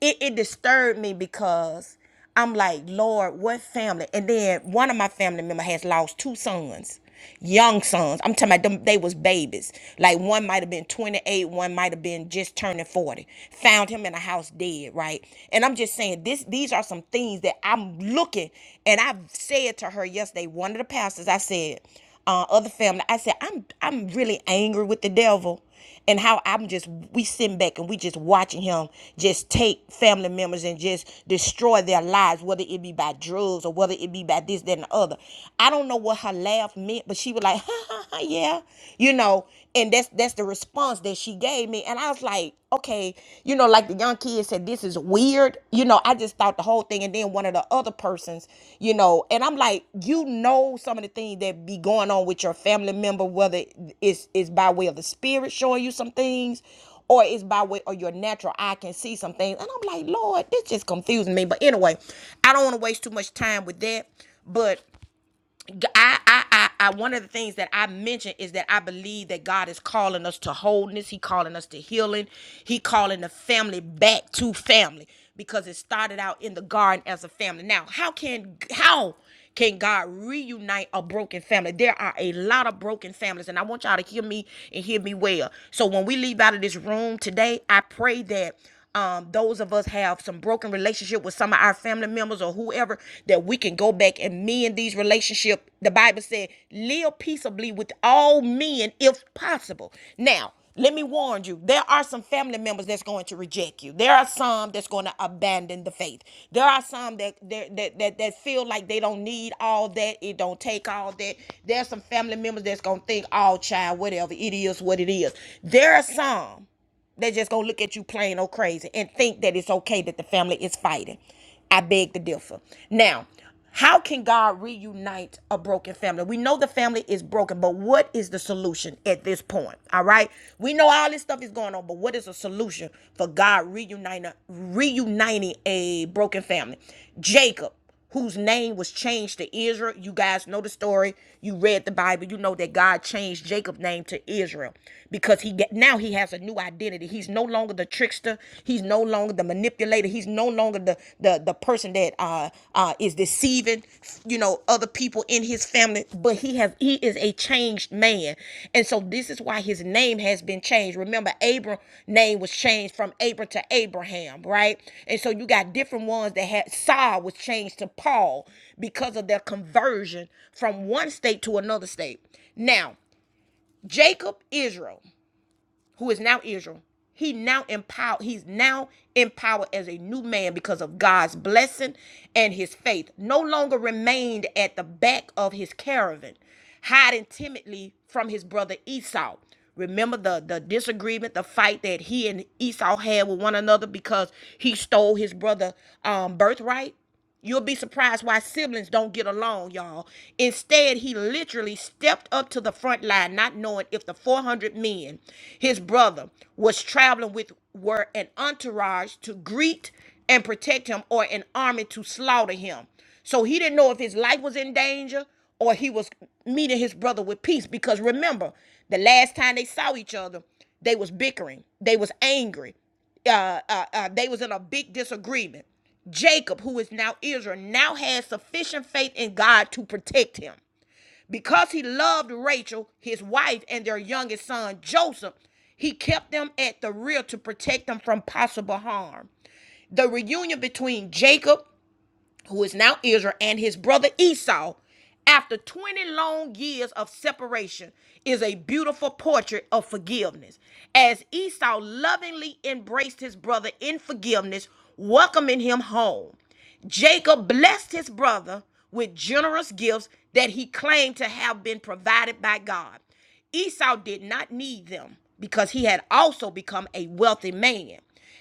A: it, it disturbed me because I'm like, Lord, what family? And then one of my family members has lost two sons, young sons. I'm talking about them, they was babies. Like one might have been 28, one might have been just turning 40. Found him in a house dead, right? And I'm just saying, this these are some things that I'm looking, and I said to her yesterday, one of the pastors, I said, uh, other family, I said, I'm I'm really angry with the devil and how I'm just we sitting back and we just watching him just take family members and just destroy their lives, whether it be by drugs or whether it be by this, that, and the other. I don't know what her laugh meant, but she was like, ha ha ha, yeah, you know, and that's that's the response that she gave me. And I was like, okay, you know, like the young kid said, this is weird weird. You know, I just thought the whole thing. And then one of the other persons, you know, and I'm like, you know, some of the things that be going on with your family member, whether it's it's by way of the spirit showing you some things, or it's by way or your natural eye can see some things. And I'm like, Lord, this just confusing me. But anyway, I don't want to waste too much time with that. But I, I, I, I, one of the things that I mentioned is that I believe that God is calling us to wholeness. He calling us to healing. He calling the family back to family because it started out in the garden as a family. Now, how can how can God reunite a broken family? There are a lot of broken families, and I want y'all to hear me and hear me well. So when we leave out of this room today, I pray that um, those of us have some broken relationship with some of our family members or whoever that we can go back and mend these relationship. The Bible said, "Live peaceably with all men, if possible." Now, let me warn you: there are some family members that's going to reject you. There are some that's going to abandon the faith. There are some that that that that, that feel like they don't need all that. It don't take all that. There are some family members that's gonna think, "Oh, child, whatever it is, what it is." There are some. They're just gonna look at you plain old crazy and think that it's okay that the family is fighting. I beg to differ. Now, how can God reunite a broken family? We know the family is broken, but what is the solution at this point? All right. We know all this stuff is going on, but what is a solution for God reuniting reuniting a broken family? Jacob whose name was changed to Israel. You guys know the story. You read the Bible. You know that God changed Jacob's name to Israel because he get, now he has a new identity. He's no longer the trickster. He's no longer the manipulator. He's no longer the the, the person that uh uh is deceiving, you know, other people in his his family but he has he is a changed man and so this is why his name has been changed remember abram name was changed from abram to abraham right and so you got different ones that had saul was changed to paul because of their conversion from one state to another state now jacob israel who is now Israel. He now empowered, he's now empowered as a new man because of God's blessing and his faith. No longer remained at the back of his caravan, hiding timidly from his brother Esau. Remember the, the disagreement, the fight that he and Esau had with one another because he stole his brother um, birthright? You'll be surprised why siblings don't get along, y'all. Instead, he literally stepped up to the front line, not knowing if the 400 men his brother was traveling with were an entourage to greet and protect him or an army to slaughter him. So he didn't know if his life was in danger or he was meeting his brother with peace because remember, the last time they saw each other, they was bickering. They was angry uh, uh, uh, they was in a big disagreement. Jacob, who is now Israel, now had sufficient faith in God to protect him. Because he loved Rachel, his wife, and their youngest son, Joseph, he kept them at the rear to protect them from possible harm. The reunion between Jacob who is now Israel, and his brother Esau, after 20 long years of separation, is a beautiful portrait of forgiveness. As Esau lovingly embraced his brother in forgiveness, welcoming him home. Jacob blessed his brother with generous gifts that he claimed to have been provided by God. Esau did not need them because he had also become a wealthy man.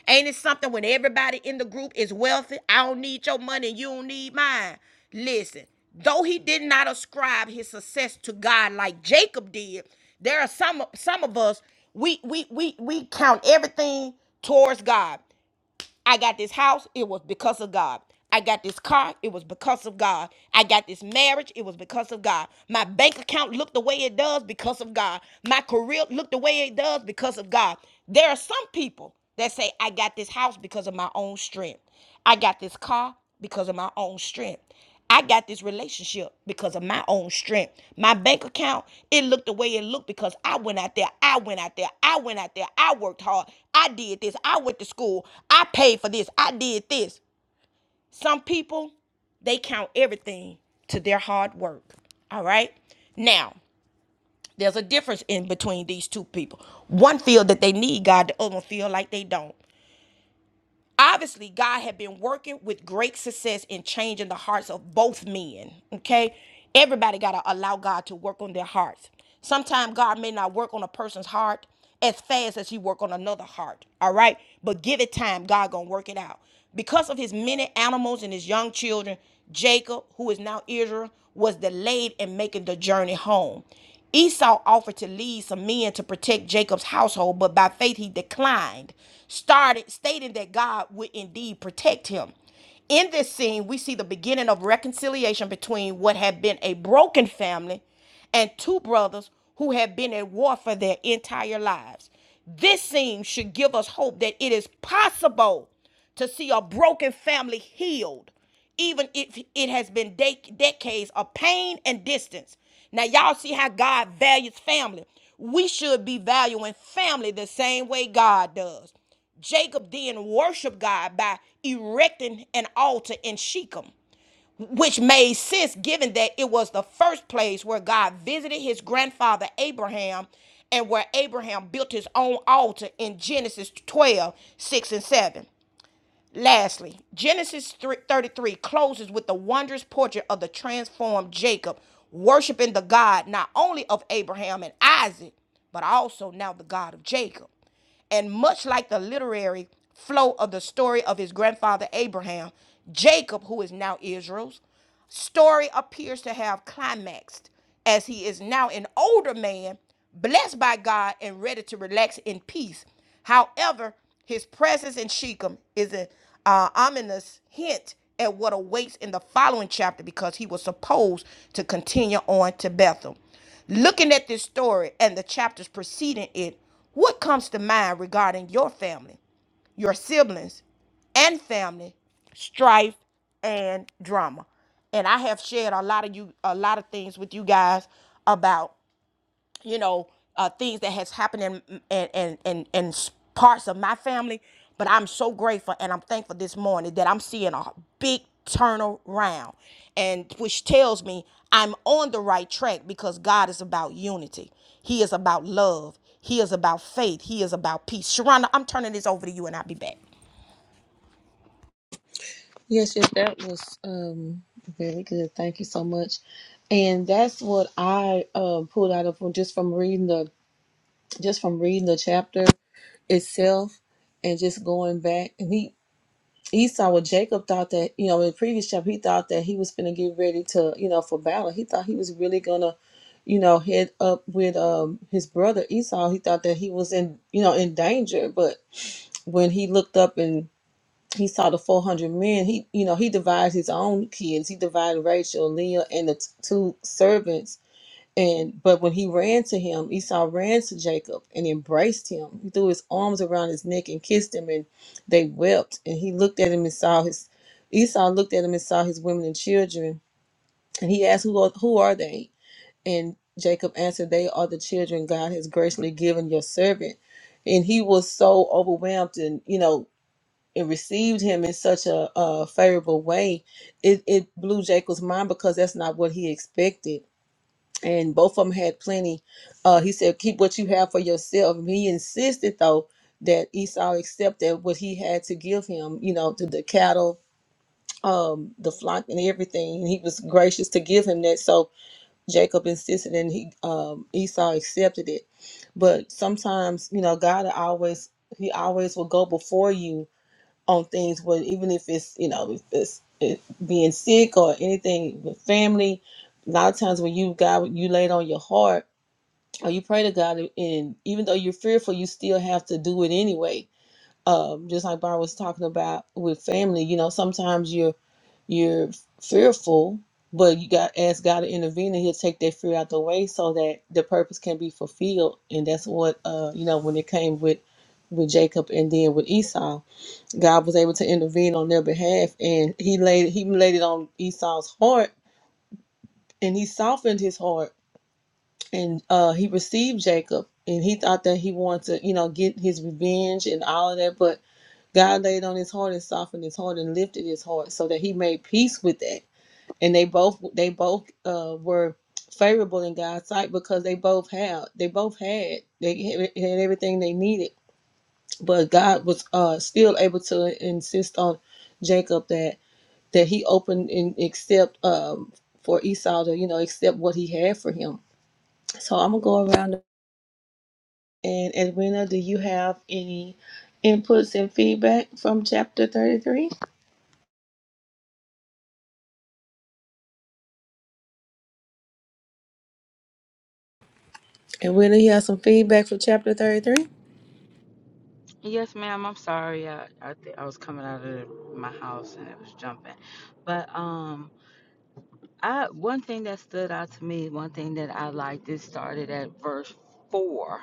A: Ain't it something when everybody in the group is wealthy? I don't need your money, you don't need mine. Listen, though he did not ascribe his success to God like Jacob did, there are some some of us we we we we count everything towards God. I got this house, it was because of God. I got this car, it was because of God. I got this marriage, it was because of God. My bank account looked the way it does because of God. My career looked the way it does because of God. There are some people that say, I got this house because of my own strength. I got this car because of my own strength. I got this relationship because of my own strength. My bank account, it looked the way it looked because I went out there, I went out there, I went out there, I worked hard, I did this, I went to school, I paid for this, I did this. Some people, they count everything to their hard work. All right? Now, there's a difference in between these two people. One feel that they need God, the other one feel like they don't. Obviously, God had been working with great success in changing the hearts of both men. Okay? Everybody got to allow God to work on their hearts. Sometimes God may not work on a person's heart as fast as he work on another heart. All right? But give it time, God going to work it out. Because of his many animals and his young children, Jacob, who is now Israel, was delayed in making the journey home. Esau offered to lead some men to protect Jacob's household, but by faith he declined, started stating that God would indeed protect him. In this scene, we see the beginning of reconciliation between what had been a broken family and two brothers who had been at war for their entire lives. This scene should give us hope that it is possible to see a broken family healed, even if it has been dec- decades of pain and distance. Now, y'all see how God values family. We should be valuing family the same way God does. Jacob then worshiped God by erecting an altar in Shechem, which made sense given that it was the first place where God visited his grandfather Abraham and where Abraham built his own altar in Genesis 12 6 and 7. Lastly, Genesis 33 closes with the wondrous portrait of the transformed Jacob, worshiping the God not only of Abraham and Isaac, but also now the God of Jacob. And much like the literary flow of the story of his grandfather Abraham, Jacob, who is now Israel's, Story appears to have climaxed as he is now an older man, blessed by God and ready to relax in peace. However, his presence in Shechem is an uh, ominous hint at what awaits in the following chapter because he was supposed to continue on to Bethel. Looking at this story and the chapters preceding it, what comes to mind regarding your family? your siblings and family strife and drama and i have shared a lot of you a lot of things with you guys about you know uh, things that has happened in and and and and s- parts of my family but i'm so grateful and i'm thankful this morning that i'm seeing a big turnaround and which tells me i'm on the right track because god is about unity he is about love he is about faith he is about peace sharonda i'm turning this over to you and i'll be back
D: Yes, yes, that was um very good. Thank you so much. And that's what I um pulled out of from just from reading the just from reading the chapter itself and just going back. And he Esau or Jacob thought that, you know, in the previous chapter, he thought that he was going to get ready to, you know, for battle. He thought he was really going to, you know, head up with um, his brother Esau. He thought that he was in, you know, in danger. But when he looked up and he saw the 400 men, he, you know, he divided his own kids. He divided Rachel, Leah, and the t- two servants and but when he ran to him, Esau ran to Jacob and embraced him. He threw his arms around his neck and kissed him, and they wept. And he looked at him and saw his Esau looked at him and saw his women and children, and he asked, "Who are, who are they?" And Jacob answered, "They are the children God has graciously given your servant." And he was so overwhelmed, and you know, and received him in such a, a favorable way. It it blew Jacob's mind because that's not what he expected and both of them had plenty. Uh, he said, "Keep what you have for yourself." And he insisted, though, that Esau accepted what he had to give him. You know, to the cattle, um, the flock, and everything. And he was gracious to give him that. So Jacob insisted, and he um, Esau accepted it. But sometimes, you know, God always He always will go before you on things. But even if it's you know if it's it, being sick or anything with family, a lot of times when you God you laid on your heart or you pray to God, and even though you're fearful, you still have to do it anyway. Um, just like Barb was talking about with family, you know, sometimes you're you're fearful, but you got ask God to intervene, and He'll take that fear out the way so that the purpose can be fulfilled. And that's what uh, you know when it came with with Jacob and then with Esau, God was able to intervene on their behalf, and He laid He laid it on Esau's heart, and He softened his heart and uh, he received Jacob, and he thought that he wanted to, you know, get his revenge and all of that. But God laid on his heart and softened his heart and lifted his heart, so that he made peace with that. And they both they both uh, were favorable in God's sight because they both had they both had they had everything they needed. But God was uh, still able to insist on Jacob that that he opened and accept um, for Esau to you know accept what he had for him. So I'm gonna go around And Edwina, do you have any inputs and feedback from chapter 33? Edwina, you have some feedback from chapter 33?
C: Yes, ma'am. I'm sorry. I I, th- I was coming out of the- my house and it was jumping, but um, I one thing that stood out to me, one thing that I liked, it started at verse four.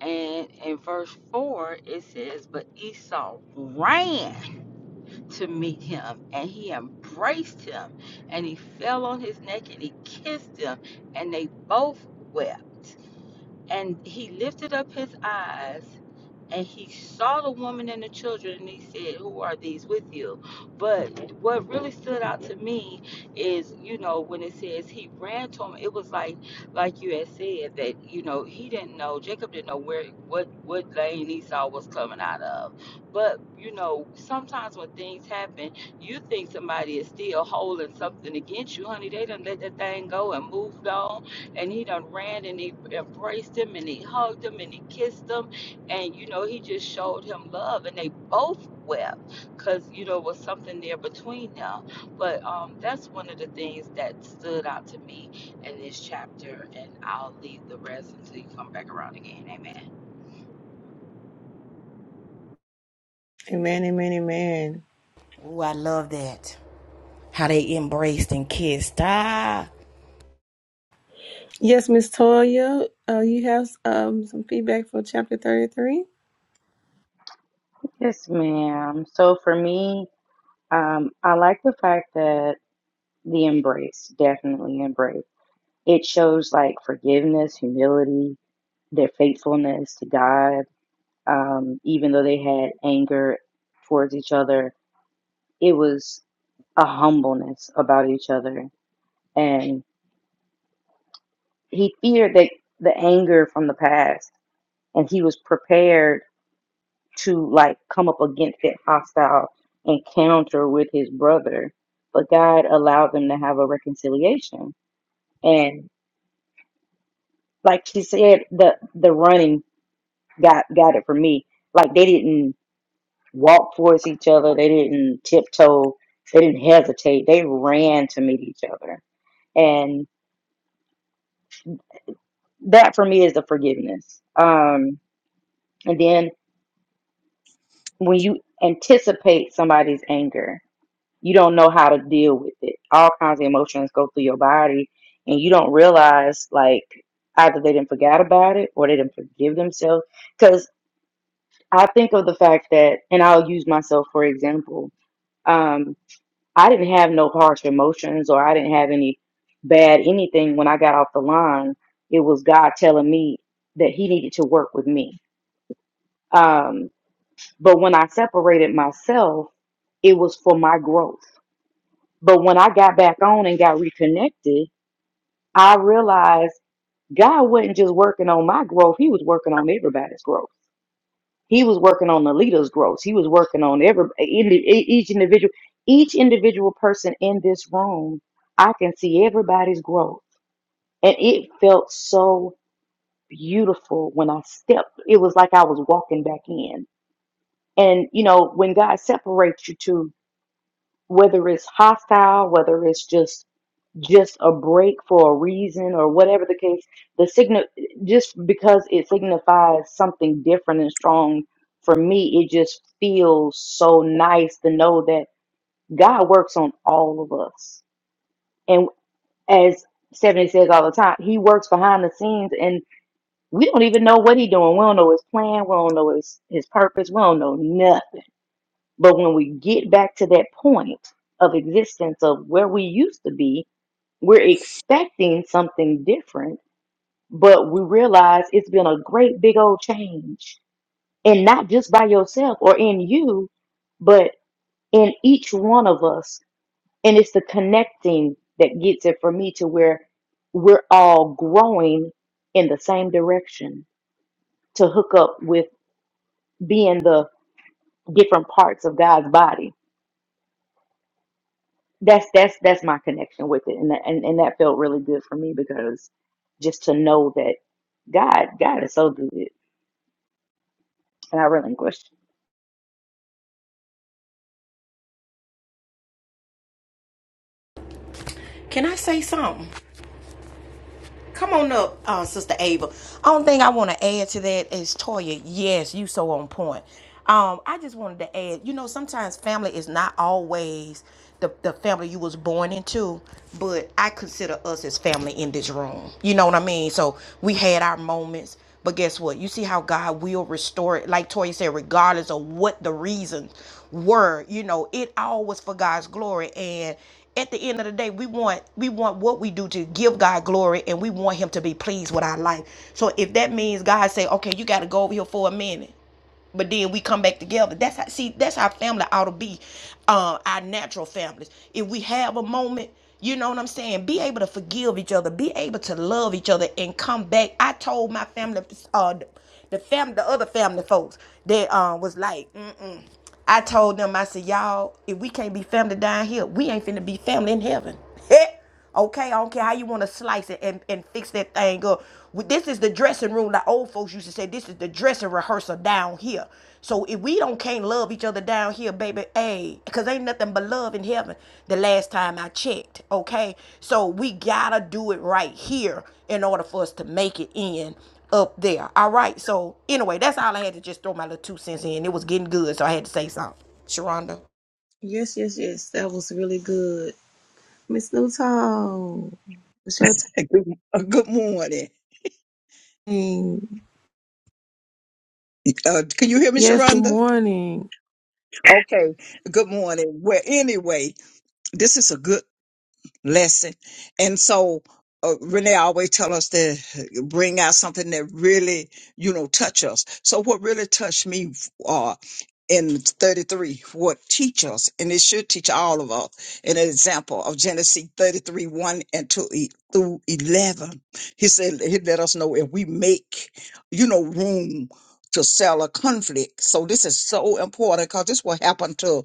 C: And in verse 4, it says, But Esau ran to meet him, and he embraced him, and he fell on his neck, and he kissed him, and they both wept. And he lifted up his eyes and he saw the woman and the children and he said who are these with you but what really stood out to me is you know when it says he ran to him it was like like you had said that you know he didn't know jacob didn't know where what what lane esau was coming out of but you know sometimes when things happen you think somebody is still holding something against you honey they done let that thing go and moved on and he done ran and he embraced him and he hugged him and he kissed him and you know he just showed him love and they both wept because you know it was something there between them but um that's one of the things that stood out to me in this chapter and i'll leave the rest until you come back around again amen
D: Amen, amen, amen.
A: Ooh, I love that. How they embraced and kissed. Ah,
D: Yes, Miss Toya, uh, you have um, some feedback for chapter 33?
E: Yes, ma'am. So for me, um, I like the fact that the embrace, definitely embrace. It shows like forgiveness, humility, their faithfulness to God, um, even though they had anger towards each other it was a humbleness about each other. And he feared that the anger from the past, and he was prepared to like come up against that hostile encounter with his brother. But God allowed them to have a reconciliation. And like she said, the the running got got it for me. Like they didn't walk towards each other, they didn't tiptoe, they didn't hesitate. They ran to meet each other. and. that for me is the forgiveness. Um, and then when you anticipate somebody's anger, you don't know how to deal with it. All kinds of emotions go through your body, and you don't realize like either they didn't forget about it or they didn't forgive themselves. Because I think of the fact that, and I'll use myself for example. Um, I didn't have no harsh emotions, or I didn't have any bad anything when I got off the line. It was God telling me that He needed to work with me Um, But when I separated myself, it was for my growth. But when I got back on and got reconnected, I realized God wasn't just working on my growth, He was working on everybody's growth. He was working on the leader's growth. He was working on every indi- each individual each individual person in this room. I can see everybody's growth. And it felt so beautiful when I stepped. It was like I was walking back in. And you know, when God separates you two whether it's hostile, whether it's just just a break for a reason or whatever the case, the signal just because it signifies something different and strong for me, it just feels so nice to know that God works on all of us. And as Stephanie says all the time, he works behind the scenes and we don't even know what he's doing. We don't know his plan. We don't know his, his purpose. We don't know nothing but when we get back to that point of existence of where we used to be, we're expecting something different, but we realize it's been a great big old change. And not just by yourself or in you, but in each one of us. And it's the connecting that gets it for me to where we're all growing in the same direction to hook up with being the different parts of God's body that's that's that's my connection with it and that, and, and that felt really good for me because just to know that god god is so good and i relinquished
A: can I say something? Come on up, uh, Sister Ava. Only thing I want to add to that is Toya. Yes, you so on point. Um, I just wanted to add. You know, sometimes family is not always the the family you was born into, but I consider us as family in this room. You know what I mean? So we had our moments. But guess what? You see how God will restore it, like Toya said, regardless of what the reason word you know it all was for god's glory and at the end of the day we want we want what we do to give god glory and we want him to be pleased with our life so if that means god say okay you got to go over here for a minute but then we come back together. That's how see that's how family ought to be, uh, our natural families. If we have a moment, you know what I'm saying, be able to forgive each other, be able to love each other, and come back. I told my family, uh, the the family, the other family folks that uh, was like, mm-mm. I told them, I said, y'all, if we can't be family down here, we ain't finna be family in heaven. it. Okay, I don't care how you want to slice it and, and fix that thing up. This is the dressing room. The old folks used to say, this is the dressing rehearsal down here. So if we don't can't love each other down here, baby, hey, because ain't nothing but love in heaven the last time I checked. Okay, so we gotta do it right here in order for us to make it in up there. All right, so anyway, that's all I had to just throw my little two cents in. It was getting good, so I had to say something. Sharonda.
D: Yes, yes, yes. That was really good. Miss Newton, it's your
B: And Good, uh, good morning.
D: time.
B: Uh, can you hear me,
D: Yes, good
B: Sharonda?
D: morning.
B: Okay. Good morning. Well, anyway, this is a good lesson. And so uh, Renee always tell us to bring out something that really, you know, touch us. So what really touched me uh, in 33, what teach us, and it should teach all of us, an example of Genesis 33, 1 and 2 e- through 11. He said, he let us know if we make, you know, room to sell a conflict. So this is so important because this will happen to,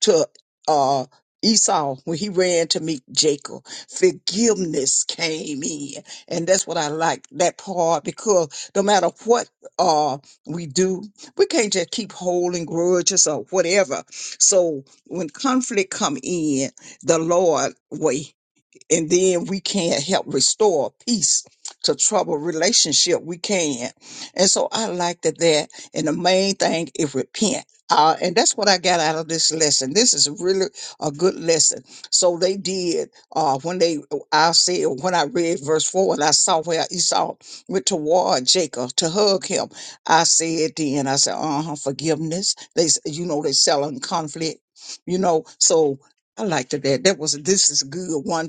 B: to uh, Esau, when he ran to meet Jacob, forgiveness came in. And that's what I like that part because no matter what uh we do, we can't just keep holding grudges or whatever. So when conflict come in, the Lord way and then we can't help restore peace to troubled relationship. We can, and so I like that. That and the main thing is repent. Uh, and that's what I got out of this lesson. This is really a good lesson. So they did uh, when they I said when I read verse four and I saw where Esau went toward Jacob to hug him. I said then I said uh huh forgiveness. They s- you know they selling conflict. You know so I liked that. That was this is a good one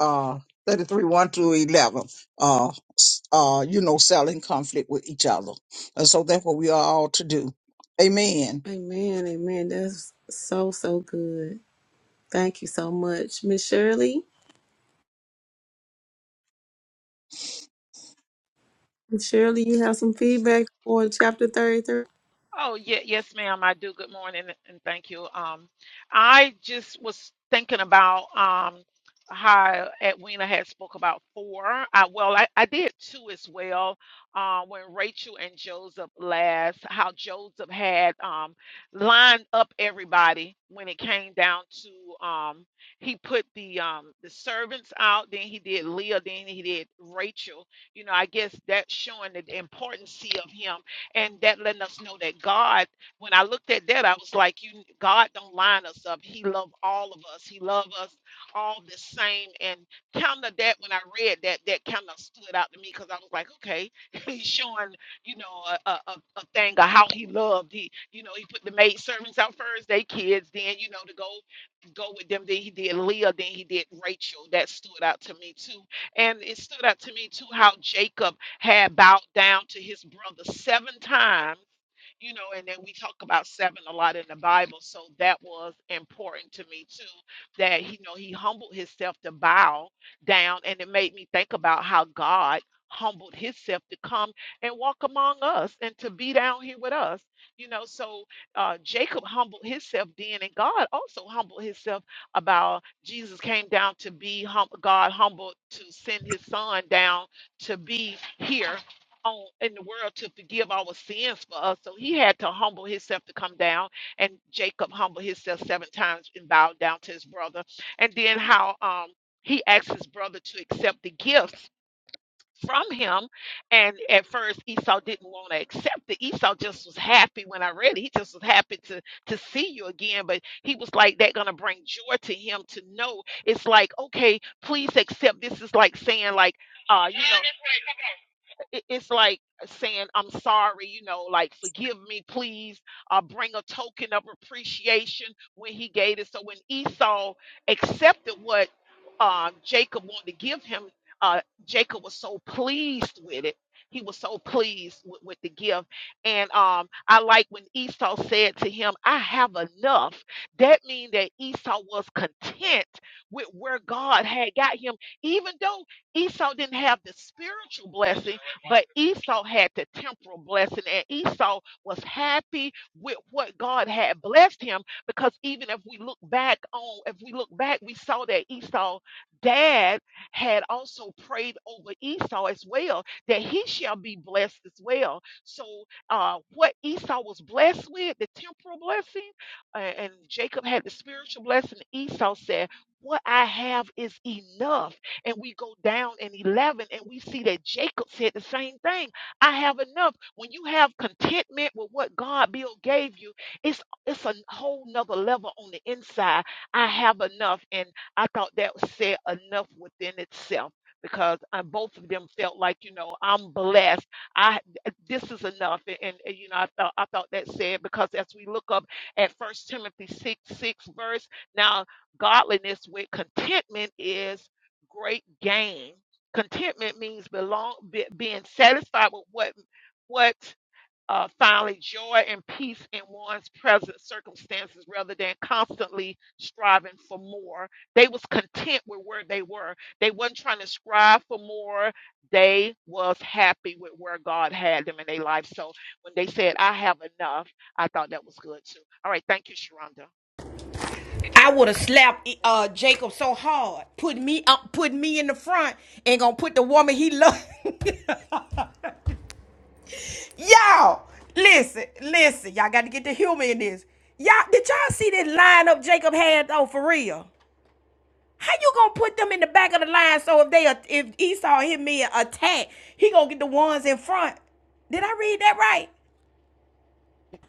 B: uh 33 1 through 11 uh s- uh you know selling conflict with each other and so that's what we are all to do amen
D: Amen, amen. That's so, so good. Thank you so much. Miss Shirley? And Shirley, you have some feedback for chapter 33?
G: Oh, yeah, yes, ma'am. I do. Good morning and thank you. Um, I just was thinking about um how Edwina had spoke about four. I, well, I, I did two as well. Uh, when Rachel and Joseph last, how Joseph had um lined up everybody when it came down to um he put the um the servants out, then he did Leah, then he did Rachel. You know, I guess that's showing the importance of him and that letting us know that God, when I looked at that, I was like, you God don't line us up. He loved all of us. He loved us all the same. And kind of that when I read that, that kind of stood out to me because I was like, okay, he's showing, you know, a, a, a a thing of how he loved. He, you know, he put the maid servants out first, they kids, then, you know, to go go with them. Then he did Leah, then he did Rachel. That stood out to me too. And it stood out to me too how Jacob had bowed down to his brother seven times you know, and then we talk about seven a lot in the Bible. So that was important to me too, that, you know, he humbled himself to bow down. And it made me think about how God humbled himself to come and walk among us and to be down here with us, you know. So uh, Jacob humbled himself then, and God also humbled himself about Jesus came down to be hum- God humbled to send his son down to be here on in the world to forgive our sins for us. So he had to humble himself to come down, and Jacob humbled himself seven times and bowed down to his brother. And then how um he asked his brother to accept the gifts from him. And at first Esau didn't want to accept it. Esau just was happy when I read it. He just was happy to to see you again. But he was like that gonna bring joy to him to know it's like, okay, please accept. This is like saying like uh, you know, it- it's like saying i'm sorry you know like forgive me please uh, bring a token of appreciation when he gave it so when esau accepted what uh, jacob wanted to give him uh, jacob was so pleased with it he was so pleased with, with the gift and um, i like when esau said to him i have enough that means that esau was content with where god had got him even though esau didn't have the spiritual blessing but Esau had the temporal blessing, and Esau was happy with what God had blessed him. Because even if we look back on, if we look back, we saw that Esau dad had also prayed over Esau as well, that he shall be blessed as well. So uh what Esau was blessed with, the temporal blessing, uh, and Jacob had the spiritual blessing, Esau said, What I have is enough and we go down in 11 and we see that Jacob said the same thing. I have enough. When you have contentment with what God Bill gave you, it's it's a whole nother level on the inside. I have enough. And I thought that said enough within itself because uh, both of them felt like, you know, I'm blessed. I this is enough. And, and, and, you know, I thought I thought that said because as we look up at First Timothy six six verse, now godliness with contentment is great gain. Contentment means belong, be, being satisfied with what what uh, finally joy and peace in one's present circumstances, rather than constantly striving for more. They was content with where they were. They wasn't trying to strive for more. They was happy with where God had them in their life. So when they said, "I have enough," I thought that was good too. All right, thank you, Sharonda.
A: I would have slapped uh, Jacob so hard, put me up, put me in the front, and gonna put the woman he loved. y'all, listen, listen, y'all got to get the humor in this. Y'all, did y'all see that line up Jacob had though for real? How you gonna put them in the back of the line so if they uh, if Esau hit me and attack, he gonna get the ones in front? Did I read that right?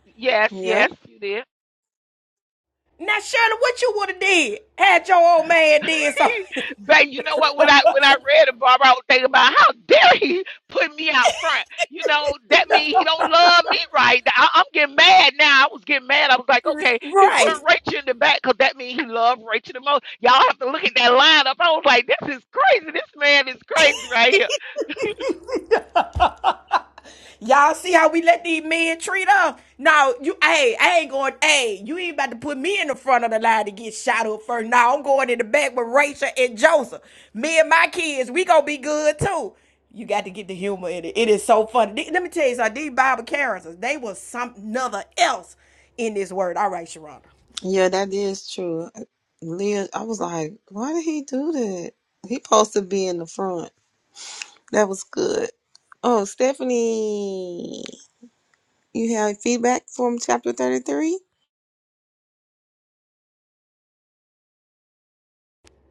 G: Yes,
D: Yep.
G: yes, you did.
A: Now, Shirley, what you would have did had your old man did so?
G: but you know what? When I when I read it, Barbara, I was thinking about how dare he put me out front. You know that means he don't love me, right? I, I'm getting mad now. I was getting mad. I was like, okay, he put
A: right.
G: Rachel in the back because that means he loved Rachel the most. Y'all have to look at that lineup. I was like, this is crazy. This man is crazy right here.
A: Y'all see how we let these men treat us? No, you, hey, I ain't going, hey, you ain't about to put me in the front of the line to get shot up first. No, I'm going in the back with Rachel and Joseph. Me and my kids, we gonna be good too. You got to get the humor in it. It is so funny. Let me tell you something. These Bible characters, they was some another else in this word. All right, Sharonda.
D: Yeah, that is true. Leah, I was like, why did he do that? He supposed to be in the front. That was good. Oh, Stephanie, you have feedback from chapter 33?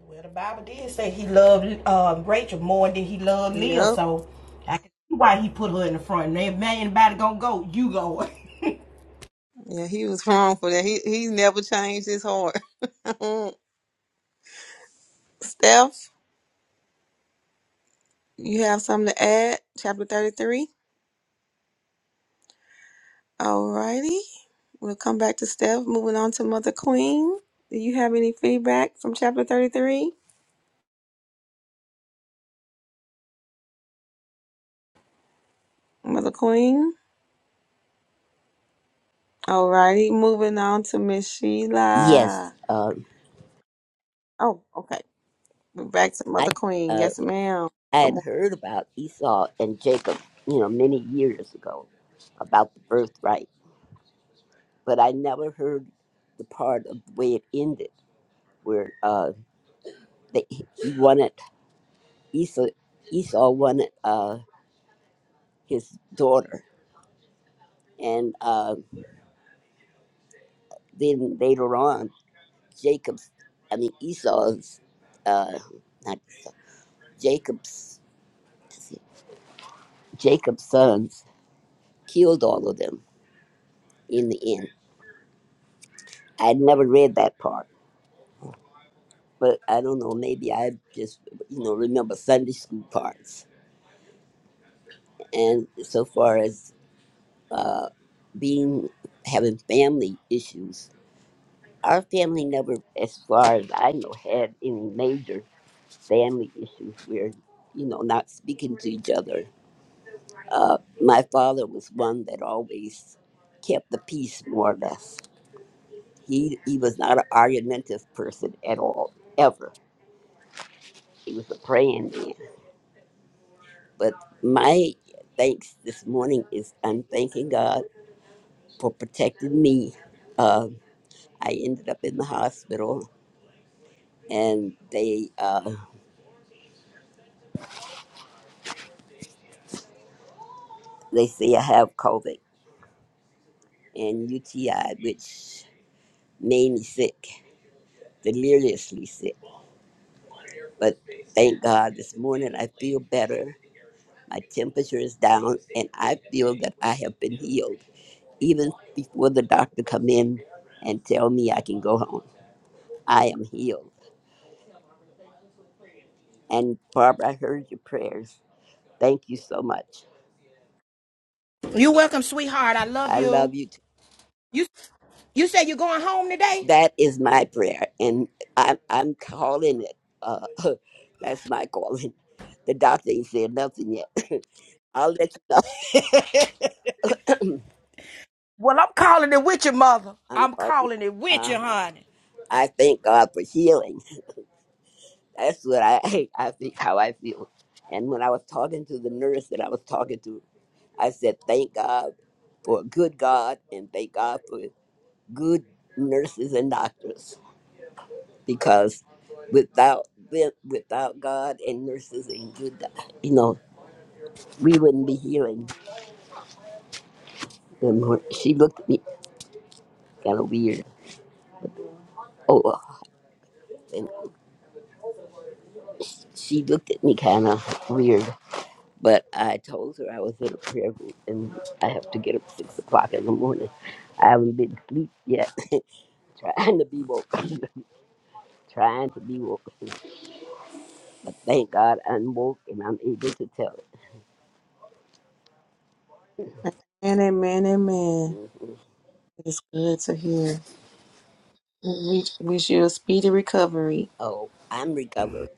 A: Well, the Bible did say he loved um, Rachel more than he loved Leah,
D: Yep.
A: so I can see why he put her in the front. And if anybody gonna go, you go.
D: Yeah, he was wrong for that. He he never changed his heart. Steph, you have something to add? Chapter 33? Alrighty. We'll come back to Steph. Moving on to Mother Queen. Do you have any feedback from chapter 33? Mother Queen. Alrighty. Moving on to Miss
J: Yes,
D: Sheila.
J: um,
D: Oh, okay. We're back to
J: I
D: Mother Queen.
J: uh,
D: Yes, ma'am.
J: I
D: Good
J: had
D: morning.
J: heard about Esau and Jacob, you know, many years ago about the birthright, but I never heard the part of the way it ended, where uh, they, he wanted Esau Esau wanted uh, his daughter, and uh, then later on, Jacob's, I mean Esau's, uh, not Esau, Jacob's Jacob's sons killed all of them in the end I'd never read that part, but I don't know. Maybe I just, you know, remember Sunday school parts. And so far as uh, being having family issues, our family never, as far as I know, had any major family issues where, you know, not speaking to each other. Uh, my father was one that always kept the peace, more or less. He he was not an argumentative person at all, ever. He was a praying man But my thanks this morning is I'm thanking God for protecting me. Uh, I ended up in the hospital, and they uh, they say I have COVID and UTI, which made me sick, deliriously sick. But thank God this morning I feel better. My temperature is down, and I feel that I have been healed. Even before the doctor come in and tell me I can go home, I am healed. And Barbara, I heard your prayers. Thank you so much.
A: You're welcome, sweetheart. I love
J: I
A: you.
J: love you. Too.
A: You you said you're going home today?
J: That is my prayer, and I'm I'm calling it. Uh, that's my calling. The doctor ain't said nothing yet. I'll let you know.
A: Well, I'm calling it with your mother.
J: I'm
A: I'm
J: calling.
A: calling it with you,
J: Uh-huh.
A: honey.
J: I thank God for healing. That's what I I think how I feel. And when I was talking to the nurse that I was talking to, I said, "Thank God for a good God, and thank God for good nurses and doctors." because without with- without God and nurses and good, you know, we wouldn't be healing them. She looked at me kind of weird. Oh, uh, and she looked at me kind of weird. But I told her I was in a prayer group and I have to get up at six o'clock in the morning. I haven't been asleep yet, trying to be woke, trying to be woke. But thank God I'm woke and I'm able to tell it.
D: Amen, amen, amen.
J: Mhm.
D: It's good to hear. We wish you a speedy recovery.
J: Oh, I'm recovered.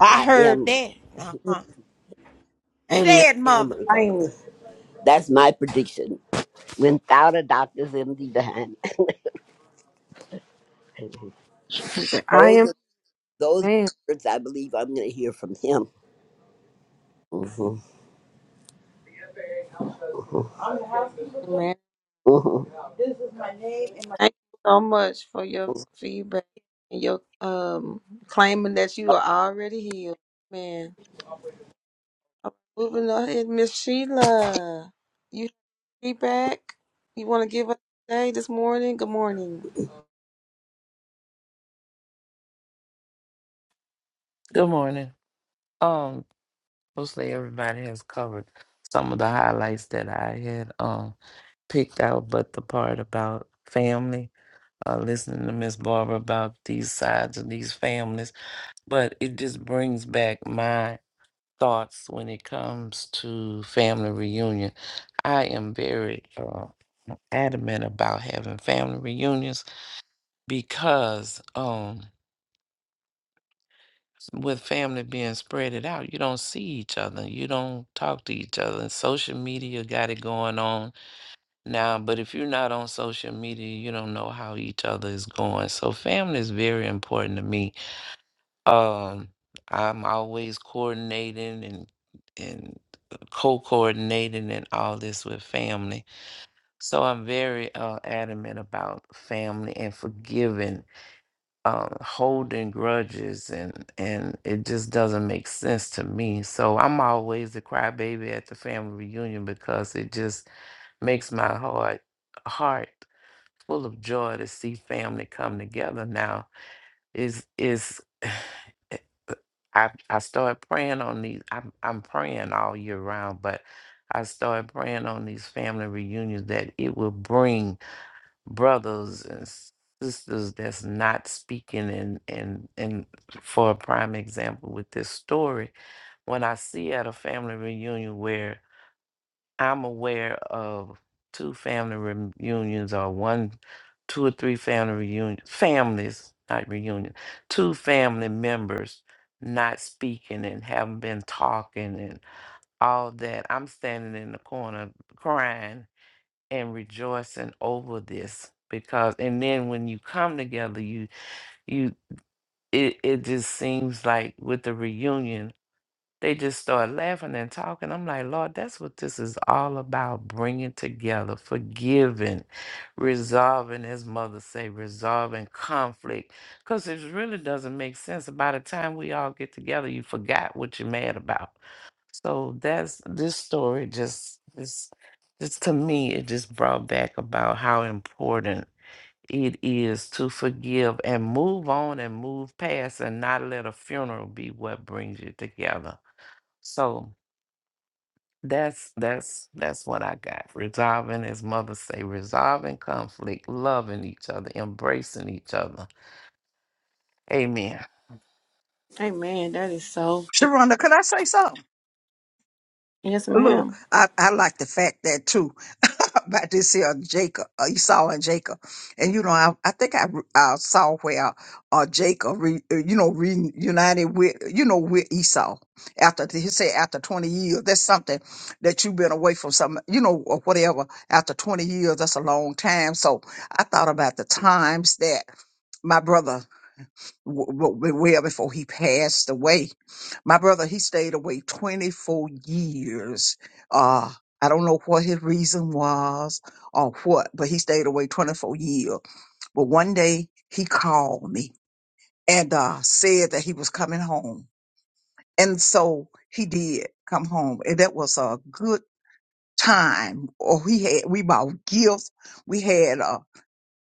A: I
J: I
A: heard
J: am
A: that. Uh-huh.
D: Amen.
A: Say it,
J: am
A: mother.
D: I
J: recovered.
D: am.
J: That's my prediction. Without a doctor's MD behind me.
D: I
J: Those
D: am.
J: are those words I believe I'm going to hear from him. hmm
D: Amen. Thank you so much for your feedback and your um claiming that you are already healed. Man. Uh, Moving on ahead, Miss Sheila. You have feedback? You want to give us today, this morning? Good morning.
I: Good morning. Um, mostly everybody has covered some of the highlights that I had um picked out, but the part about family, uh, listening to Miss Barbara about these sides of these families, but it just brings back my thoughts when it comes to family reunion. I am very uh, adamant about having family reunions because um. with family being spread it out, you don't see each other. You don't talk to each other. And social media got it going on now, but if you're not on social media, you don't know how each other is going. So family is very important to me. Um, I'm always coordinating and and co-coordinating and all this with family. So I'm very uh, adamant about family and forgiving um, holding grudges and and it just doesn't make sense to me. So I'm always the crybaby at the family reunion because it just makes my heart heart full of joy to see family come together. Now is is I I start praying on these. I'm I'm praying all year round, but I start praying on these family reunions that it will bring brothers and sisters that's not speaking and and and for a prime example with this story when i see at a family reunion where i'm aware of two family reunions or one two or three family reunions families not reunion two family members not speaking and haven't been talking and all that i'm standing in the corner crying and rejoicing over this because and then when you come together you you it, it just seems like with the reunion they just start laughing and talking i'm like lord that's what this is all about bringing together forgiving resolving as mother say resolving conflict because it really doesn't make sense by the time we all get together you forgot what you're mad about so that's this story just this just to me it just brought back about how important it is to forgive and move on and move past and not let a funeral be what brings you together. So that's that's that's what I got. Resolving, as mother say, resolving conflict, loving each other, embracing each other. Amen.
D: Amen. That is so.
B: sharonda could i say something
D: Yes,
B: Look,
D: ma'am.
B: I, I like the fact that too about this here Jacob, uh, Esau and Jacob, and you know I, I think I, re- I saw where uh Jacob re, uh, you know reunited with you know with Esau after the- he said after twenty years that's something that you've been away from some you know or whatever after twenty years that's a long time so I thought about the times that my brother w- w- well before he passed away. My brother, he stayed away 24 years. Uh, I don't know what his reason was or what, but he stayed away 24 years. But one day he called me and uh, said that he was coming home. And so he did come home. And that was a good time. Or he had, we bought gifts. We had uh,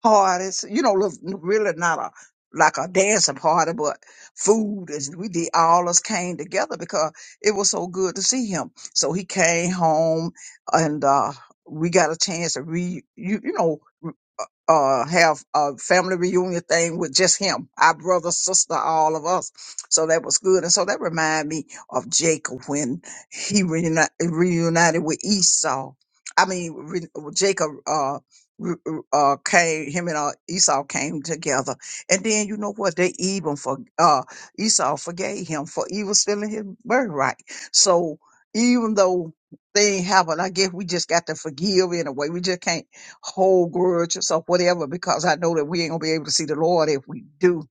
B: party. It's, you know, look, really not a like a dancing party, but food. And we did all us came together because it was so good to see him. So he came home, and uh, we got a chance to re you you know uh uh, have a family reunion thing with just him, our brother, sister, all of us. So that was good. And so that reminded me of Jacob when he reuni- reunited with Esau. I mean, re- Jacob. Uh, r- r- uh came him and uh, Esau came together. And then you know what? They even for uh Esau forgave him for even stealing his birthright. So even though things happen, I guess we just got to forgive in a way. We just can't hold grudges or whatever because I know that we ain't gonna be able to see the Lord if we do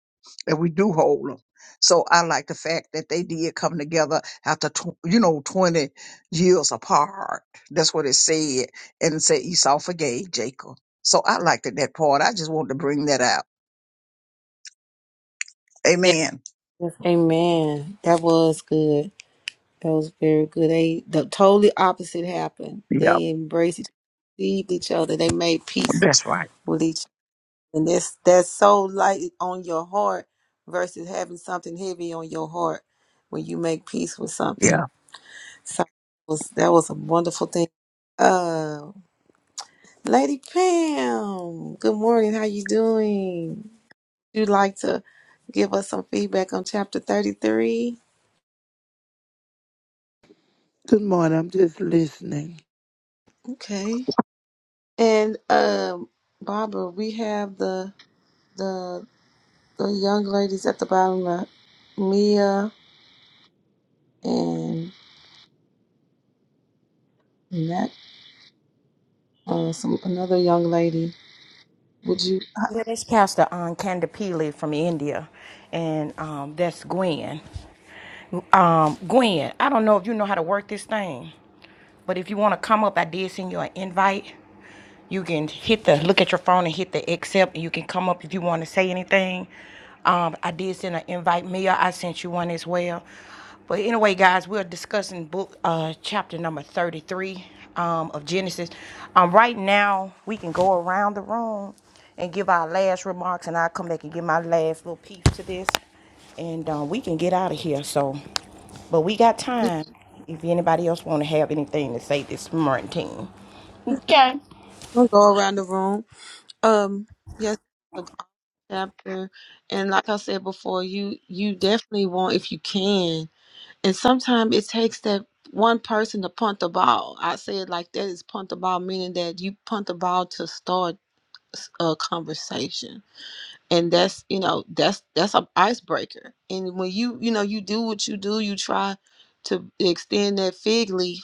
B: that we do hold them. So I like the fact that they did come together after, tw- you know, 20 years apart. That's what it said. And it said Esau forgave Jacob. So I liked it, that part. I just wanted to bring that out.
D: Yes.
B: Amen.
D: Yes, amen. That was good. That was very good. They the totally opposite happened.
B: Yeah,
D: They embraced, each- received each other. They made peace
B: that's right.
D: with each And that's that's so light on your heart versus having something heavy on your heart when you make peace with
B: Yeah.
D: something. So that was that was a wonderful thing. Uh Lady Pam, good morning. How you doing? You'd like to give us some feedback on chapter thirty three?
K: Good morning. I'm just listening.
D: Okay. And um Barbara, we have the the the young ladies at the bottom, uh, Mia and Max. Uh, some another young lady. Would you I-
A: Yeah, that's Pastor um, Kanda Pili from India, and um, that's Gwen. Um, Gwen, I don't know if you know how to work this thing, but if you want to come up, I did send you an invite. You can hit the look at your phone and hit the accept. And you can come up if you want to say anything. Um, I did send an invite mail. I sent you one as well. But anyway, guys, we're discussing book uh, chapter number thirty-three um, of Genesis. Um, right now, we can go around the room and give our last remarks, and I'll come back and give my last little piece to this, and um, we can get out of here. So, but we got time. If anybody else want to have anything to say this morning, okay.
D: We'll go around the room. Um, yes, it's a chapter, and like I said before, you you definitely want if you can, and sometimes it takes that one person to punt the ball. I say it like that is punt the ball, meaning that you punt the ball to start a conversation, and that's you know that's that's an icebreaker. And when you you know you do what you do, you try to extend that fig leaf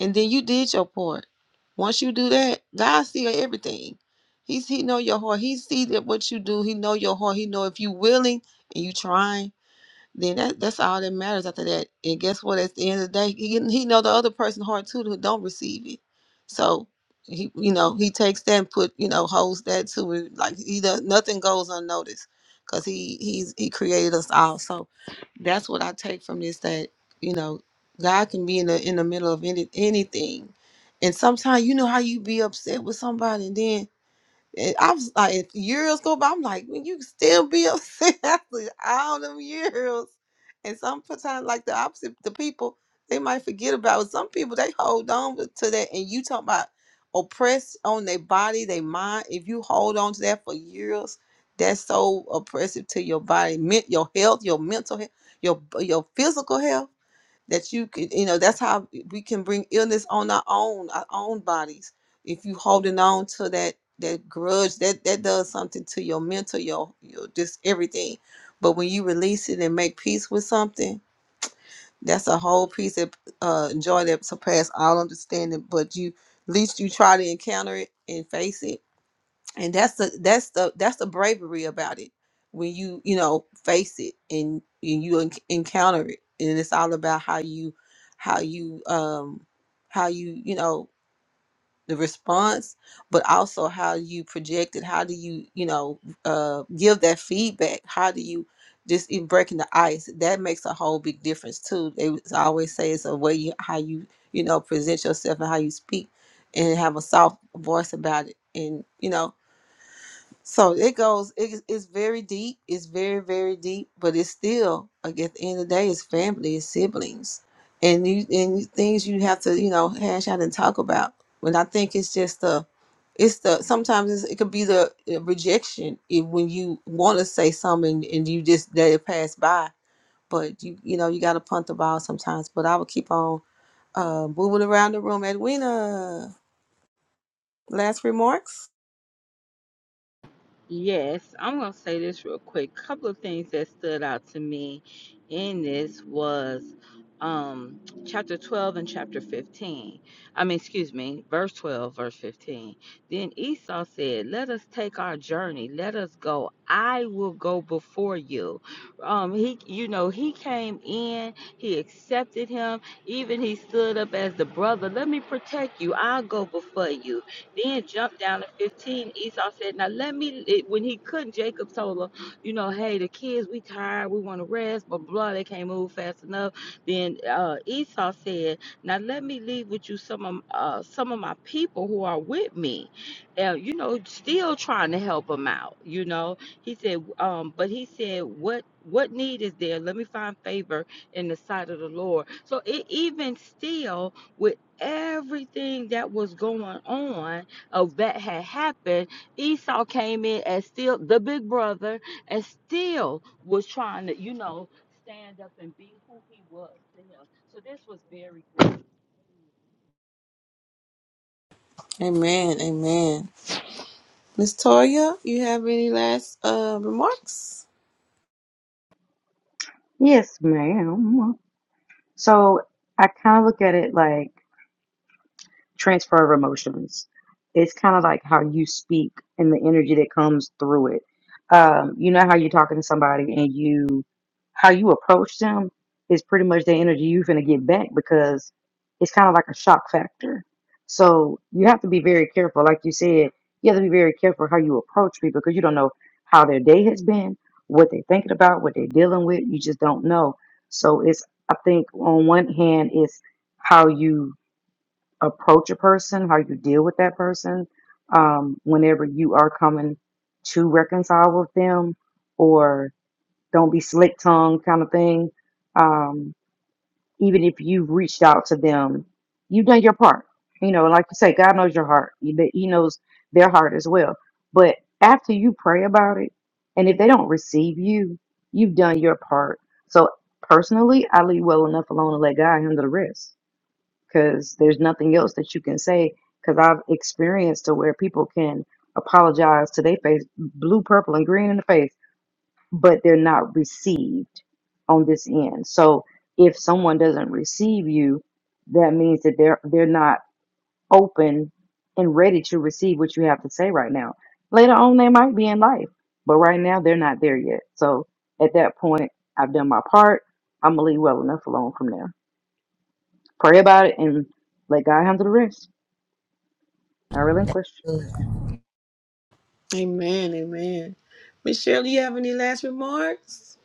D: and then you did your part. Once you do that, God see everything. He's He know your heart. He see that what you do. He know your heart. He know if you willing and you trying then that, that's all that matters after that. And guess what? At the end of the day, he he know the other person hard too who don't receive it. So he you know he takes that and put you know holds that to it. Like he does nothing goes unnoticed because he he's he created us all. So that's what I take from this that you know God can be in the in the middle of any anything. And sometimes you know how you be upset with somebody and then and I was like, if years go by, I'm like, when you still be upset after all them years. And sometimes, like the opposite, the people they might forget about it. Some people they hold on to that, and you talk about oppressed on their body, their mind. If you hold on to that for years, that's so oppressive to your body, men- your health, your mental health, your your physical health that you could you know that's how we can bring illness on our own our own bodies if you holding on to that that grudge that that does something to your mental your your just everything but when you release it and make peace with something that's a whole piece of uh joy that surpass all understanding but you at least you try to encounter it and face it and that's the that's the that's the bravery about it when you you know face it and and you en- encounter it and it's all about how you how you um how you you know the response but also how you project it how do you you know uh give that feedback how do you just in breaking the ice that makes a whole big difference too they was- I always say it's a way you how you you know present yourself and how you speak and have a soft voice about it and you know so it goes. It, is- it's very deep. It's very very deep. But it's still like at the end of the day, it's family, it's siblings, and you and you- things you have to you know hash out and talk about. But I think it's just the, it's the sometimes it's, it could be the uh, rejection if, when you want to say something and you just let it pass by. But you you know you got to punt the ball sometimes. But I will keep on uh moving around the room. Edwina, last remarks.
C: Yes, I'm going to say this real quick. Couple of things that stood out to me in this was um, chapter 12 and chapter 15. I mean, excuse me, verse 12, verse 15. Then Esau said, Let us take our journey. Let us go. I will go before you. Um, he, you know, he came in, he accepted him, even he stood up as the brother. Let me protect you. I'll go before you. Then jump down to 15. Esau said, Now let me, it- when he couldn't, Jacob told him, You know, hey, the kids, we tired, we want to rest, but blah, they can't move fast enough. Then uh, Esau said, Now let me leave with you some of, uh, some of my people who are with me. Uh, you know, still trying to help him out, you know. He said, um, But he said, What? What need is there? Let me find favor in the sight of the Lord. So it even still with everything that was going on, of that had happened, Esau came in as still the big brother and still was trying to, you know, stand up and be who he was to him. So this was very good.
D: Amen. Amen. Miss Toya, you have any last uh, remarks?
E: yes ma'am so So I kind of look at it like. transfer of emotions. It's kind of like how you speak and the energy that comes through it. Um, you know how you're talking to somebody and you how you approach them is pretty much the energy you're gonna get back because it's kind of like a shock factor. So you have to be very careful, like you said. You have to be very careful how you approach people because you don't know how their day has been, what they're thinking about, what they're dealing with. You just don't know. So it's I think on one hand it's how you approach a person, how you deal with that person, um, whenever you are coming to reconcile with them, or don't be slick tongued kind of thing. Um, even if you've reached out to them, you've done your part. You know, like you say, God knows your heart. He He knows their heart as well. But after you pray about it, and if they don't receive you, you've done your part. So personally, I leave well enough alone and let God handle the rest because there's nothing else that you can say. Because I've experienced to where people can apologize to their face, blue, purple, and green in the face, but they're not received on this end. So if someone doesn't receive you, that means that they're they're not open and ready to receive what you have to say right now. Later on, they might be in life, but right now they're not there yet. So at that point, I've done my part. I'm gonna leave well enough alone from there. Pray about it and let God handle the rest. I relinquish.
D: Amen, amen. Miss Shirley, you have any last remarks?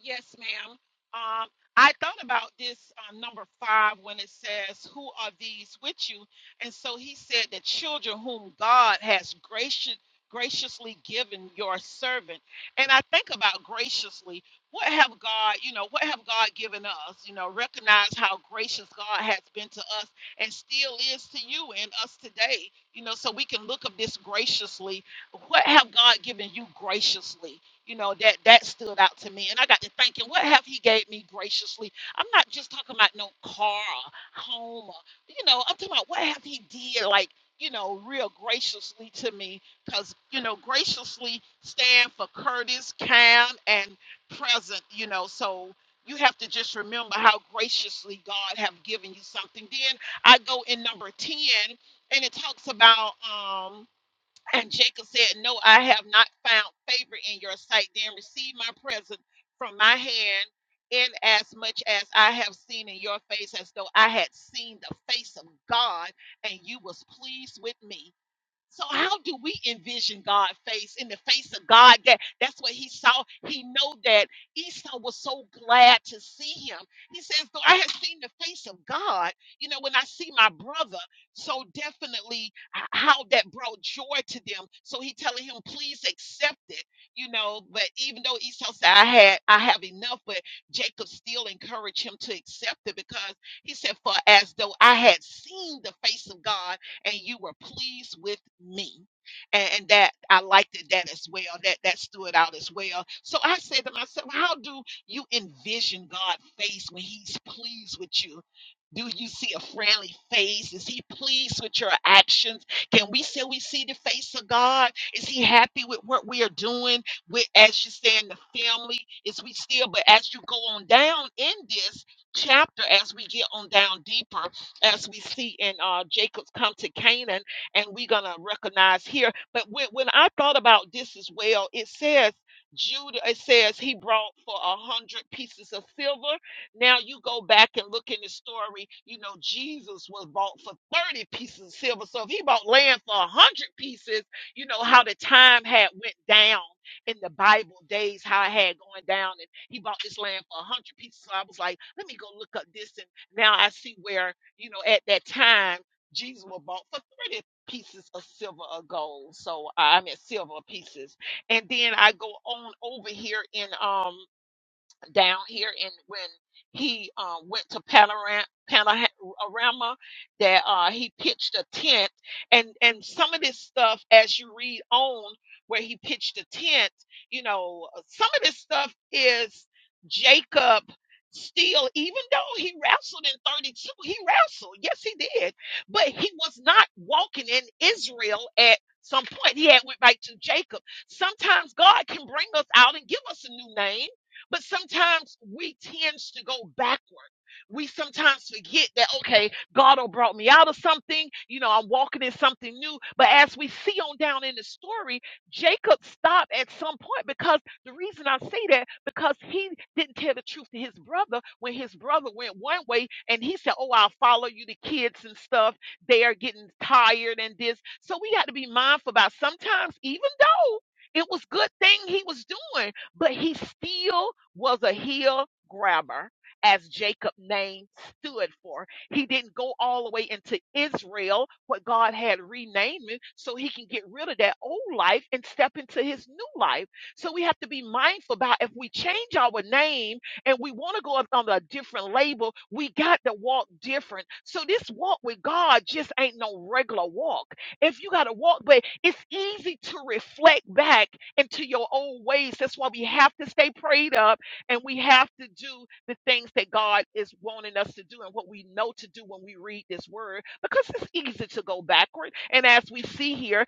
G: Yes, ma'am. Um, I thought about this uh, number five when it says, Who are these with you? And so he said, that children whom God has gracious, graciously given your servant. And I think about graciously, what have God, you know, what have God given us? You know, recognize how gracious God has been to us and still is to you and us today, you know, so we can look at this graciously. What have God given you graciously? you know that that stood out to me and i got to thinking what have he gave me graciously i'm not just talking about no car home or, you know i'm talking about what have he did like you know real graciously to me because you know graciously stand for courteous calm and present you know so you have to just remember how graciously god have given you something then i go in number 10 and it talks about um and Jacob said, No, I have not found favor in your sight. Then receive my present from my hand, inasmuch as I have seen in your face, as though I had seen the face of God, and you was pleased with me. So how do we envision God face in the face of God? That that's what he saw. He know that Esau was so glad to see him. He says, "Though I have seen the face of God, you know, when I see my brother, so definitely h- how that brought joy to them." So he telling him, "Please accept it," you know. But even though Esau said, "I had, I have enough," but Jacob still encouraged him to accept it because he said, "For as though I had seen the face of God." and you were pleased with me. And, and that I liked it, that as well. That that stood out as well. So I said to myself, how do you envision God's face when He's pleased with you? Do you see a friendly face? Is he pleased with your actions? Can we say we see the face of God? Is he happy with what we are doing? With as you say in the family, is we still, but as you go on down in this chapter, as we get on down deeper, as we see in uh, Jacob's come to Canaan, and we're gonna recognize here. But when, when I thought about this as well, it says Judah. It says he brought for a hundred pieces of silver. Now you go back and look in the story. You know Jesus was bought for thirty pieces of silver. So if he bought land for a hundred pieces, you know how the time had went down in the Bible days, how it had gone down, and he bought this land for a hundred pieces. So I was like, let me go look up this, and now I see where you know, at that time, Jesus was bought for 30 pieces of silver or gold. So uh, I mean silver pieces. And then I go on over here in um down here in when he uh, went to Panorama, Panorama that uh, he pitched a tent and and some of this stuff as you read on where he pitched a tent you know some of this stuff is Jacob still even though he wrestled in 32 he wrestled yes he did but he was not walking in Israel at some point he had went back to Jacob sometimes God can bring us out and give us a new name but sometimes we tend to go backward. We sometimes forget that, okay, God will brought me out of something. You know, I'm walking in something new. But as we see on down in the story, Jacob stopped at some point because the reason I say that, because he didn't tell the truth to his brother when his brother went one way and he said, oh, I'll follow you, the kids and stuff. They are getting tired and this. So we got to be mindful about sometimes, even though it was good thing he was doing, but he still was a heel grabber, as Jacob's name stood for. He didn't go all the way into Israel, what God had renamed him, so he can get rid of that old life and step into his new life. So we have to be mindful about if we change our name and we want to go up on a different label, we got to walk different. So this walk with God just ain't no regular walk. If you got to walk, but it's easy to reflect back into your old ways. That's why we have to stay prayed up and we have to do the things that God is wanting us to do and what we know to do when we read this word because it's easy to go backward. And as we see here,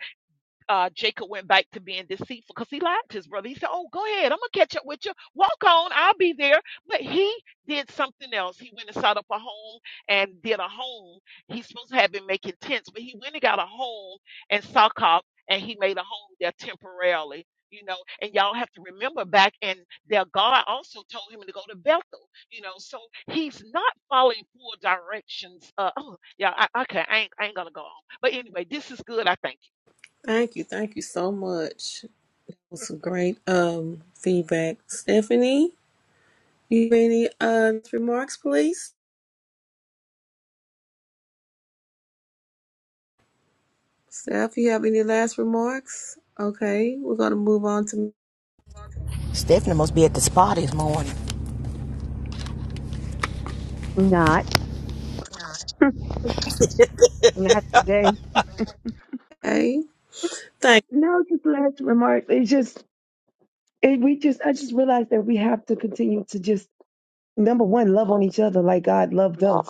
G: uh, Jacob went back to being deceitful because he lied to his brother. He said, Oh, go ahead. I'm going to catch up with you. Walk on. I'll be there. But he did something else. He went and set up a home and did a home. He's supposed to have been making tents, but he went and got a home in Sokop and he made a home there temporarily. You know, and y'all have to remember back, and there. God also told him to go to Bethel. You know, so he's not following full directions. Uh, oh, yeah, I, okay, I ain't, I ain't gonna go on. But anyway, this is good. I think.
D: Thank you, thank you so much. It was some great um feedback. Stephanie, you have any uh remarks, please? Steph, you have any last remarks? Okay, we're gonna move on to
A: Stephanie must be at the spa this morning.
H: Not, not today.
D: A. Thank,
H: No, just last remark. It's just, it, we just, I just realized that we have to continue to just number one, love on each other like God loved us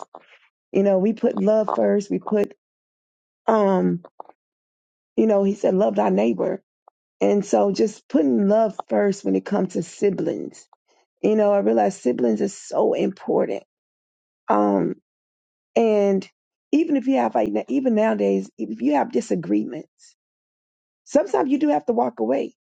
H: You know, we put love first. We put, um, you know, he said, love thy neighbor. And so just putting love first when it comes to siblings. You know, I realize siblings is so important. Um, and even if you have, like, even nowadays, if you have disagreements, sometimes you do have to walk away.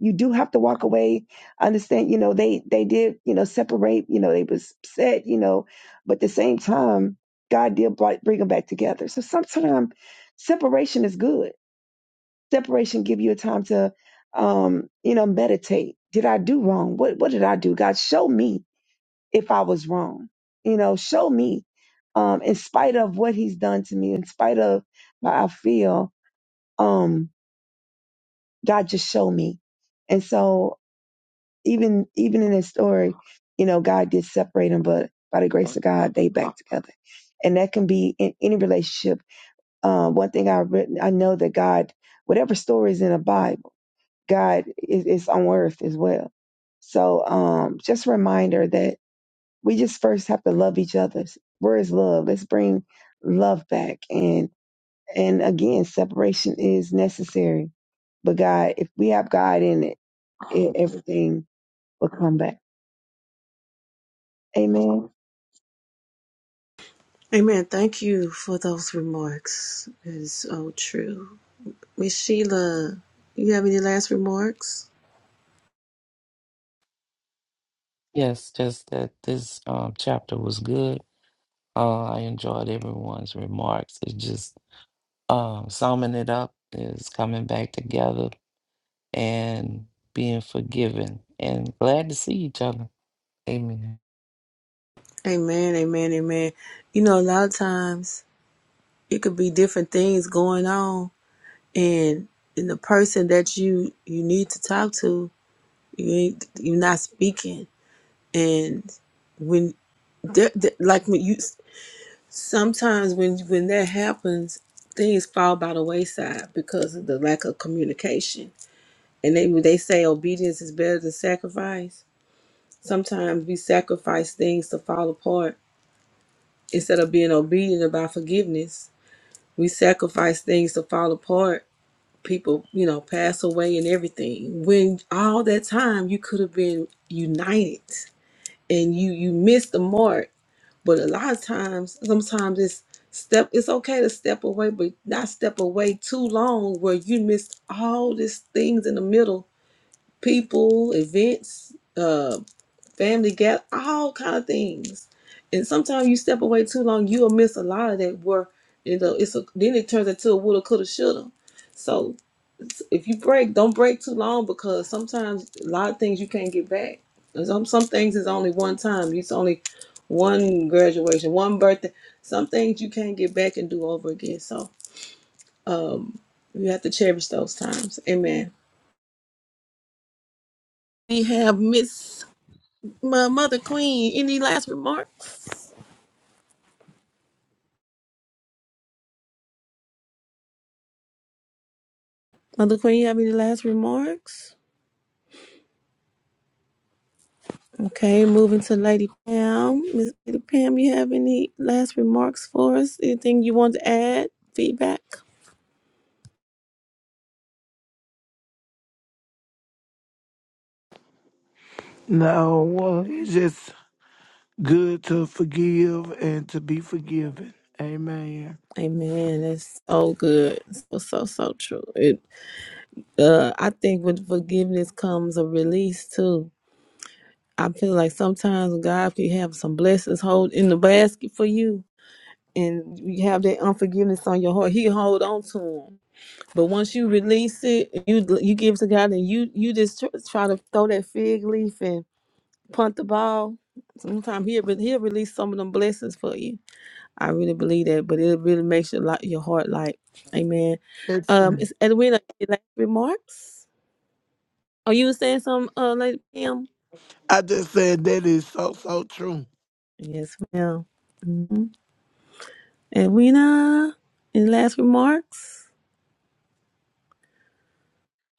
H: You do have to walk away. Understand, you know, they, they did, you know, separate, you know, they was upset, you know, but at the same time, God did bri- bring them back together. So sometimes separation is good Separation give you a time to, um, you know, meditate. Did I do wrong? What What did I do? God, show me if I was wrong. You know, show me. Um, in spite of what He's done to me, in spite of how I feel, um, God, just show me. And so, even even in this story, you know, God did separate them, but by the grace of God, they back together. And that can be in any relationship. Uh, one thing I've written, I know that God, whatever story is in a Bible. God is, is on earth as well. So um, just a reminder that we just first have to love each other. Where is love? Let's bring love back. And and again, separation is necessary. But God, if we have God in it, it everything will come back. Amen.
D: Amen. Thank you for those remarks. It is so true. Miss Sheila, you have any last remarks?
I: Yes, just that this um, chapter was good. Uh, I enjoyed everyone's remarks. It just um, summing it up is coming back together and being forgiven and glad to see each other. Amen.
D: Amen, amen, amen. You know, a lot of times it could be different things going on, and and the person that you you need to talk to, you ain't you're not speaking, and when that that- like when you sometimes when when that happens, things fall by the wayside because of the lack of communication. And they when they say obedience is better than sacrifice, sometimes we sacrifice things to fall apart instead of being obedient about forgiveness We sacrifice things to fall apart. People, you know, pass away and everything. When all that time you could have been united and you you missed the mark. But a lot of times, sometimes it's step it's okay to step away, but not step away too long where you missed all these things in the middle, people, events, uh, family gap, all kind of things. And sometimes you step away too long, you'll miss a lot of that. Where you know it's a then it turns into a woulda, coulda, shoulda. So it's- if you break, don't break too long because sometimes a lot of things you can't get back. And Some some things is only one time. It's only one graduation, one birthday. Some things you can't get back and do over again. So um, you have to cherish those times. Amen. We have Miss my mother queen. Any last remarks? Mother Queen, you have any last remarks? Okay, moving to Lady Pam. Miss Lady Pam, you have any last remarks for us? Anything you want to add? Feedback?
K: No, well, it's just good to forgive and to be forgiven. Amen.
D: Amen. That's so good. So so so true. It uh I think with forgiveness comes a release too. I feel like sometimes God can have some blessings hold in the basket for you and you have that unforgiveness on your heart. He hold on to them But once you release it, you you give to God, and you you just tr- try to throw that fig leaf and punt the ball. Sometimes he'll re- he'll release some of them blessings for you. I really believe that, but it really makes your lot your heart light. Amen.
K: That's
D: Um,
K: true.
D: it's Edwina. Any last remarks? Oh, you were saying something, uh, lady Pam?
K: I just said that is so, so true.
D: Yes, ma'am. Mm-hmm. Edwina. Any last remarks?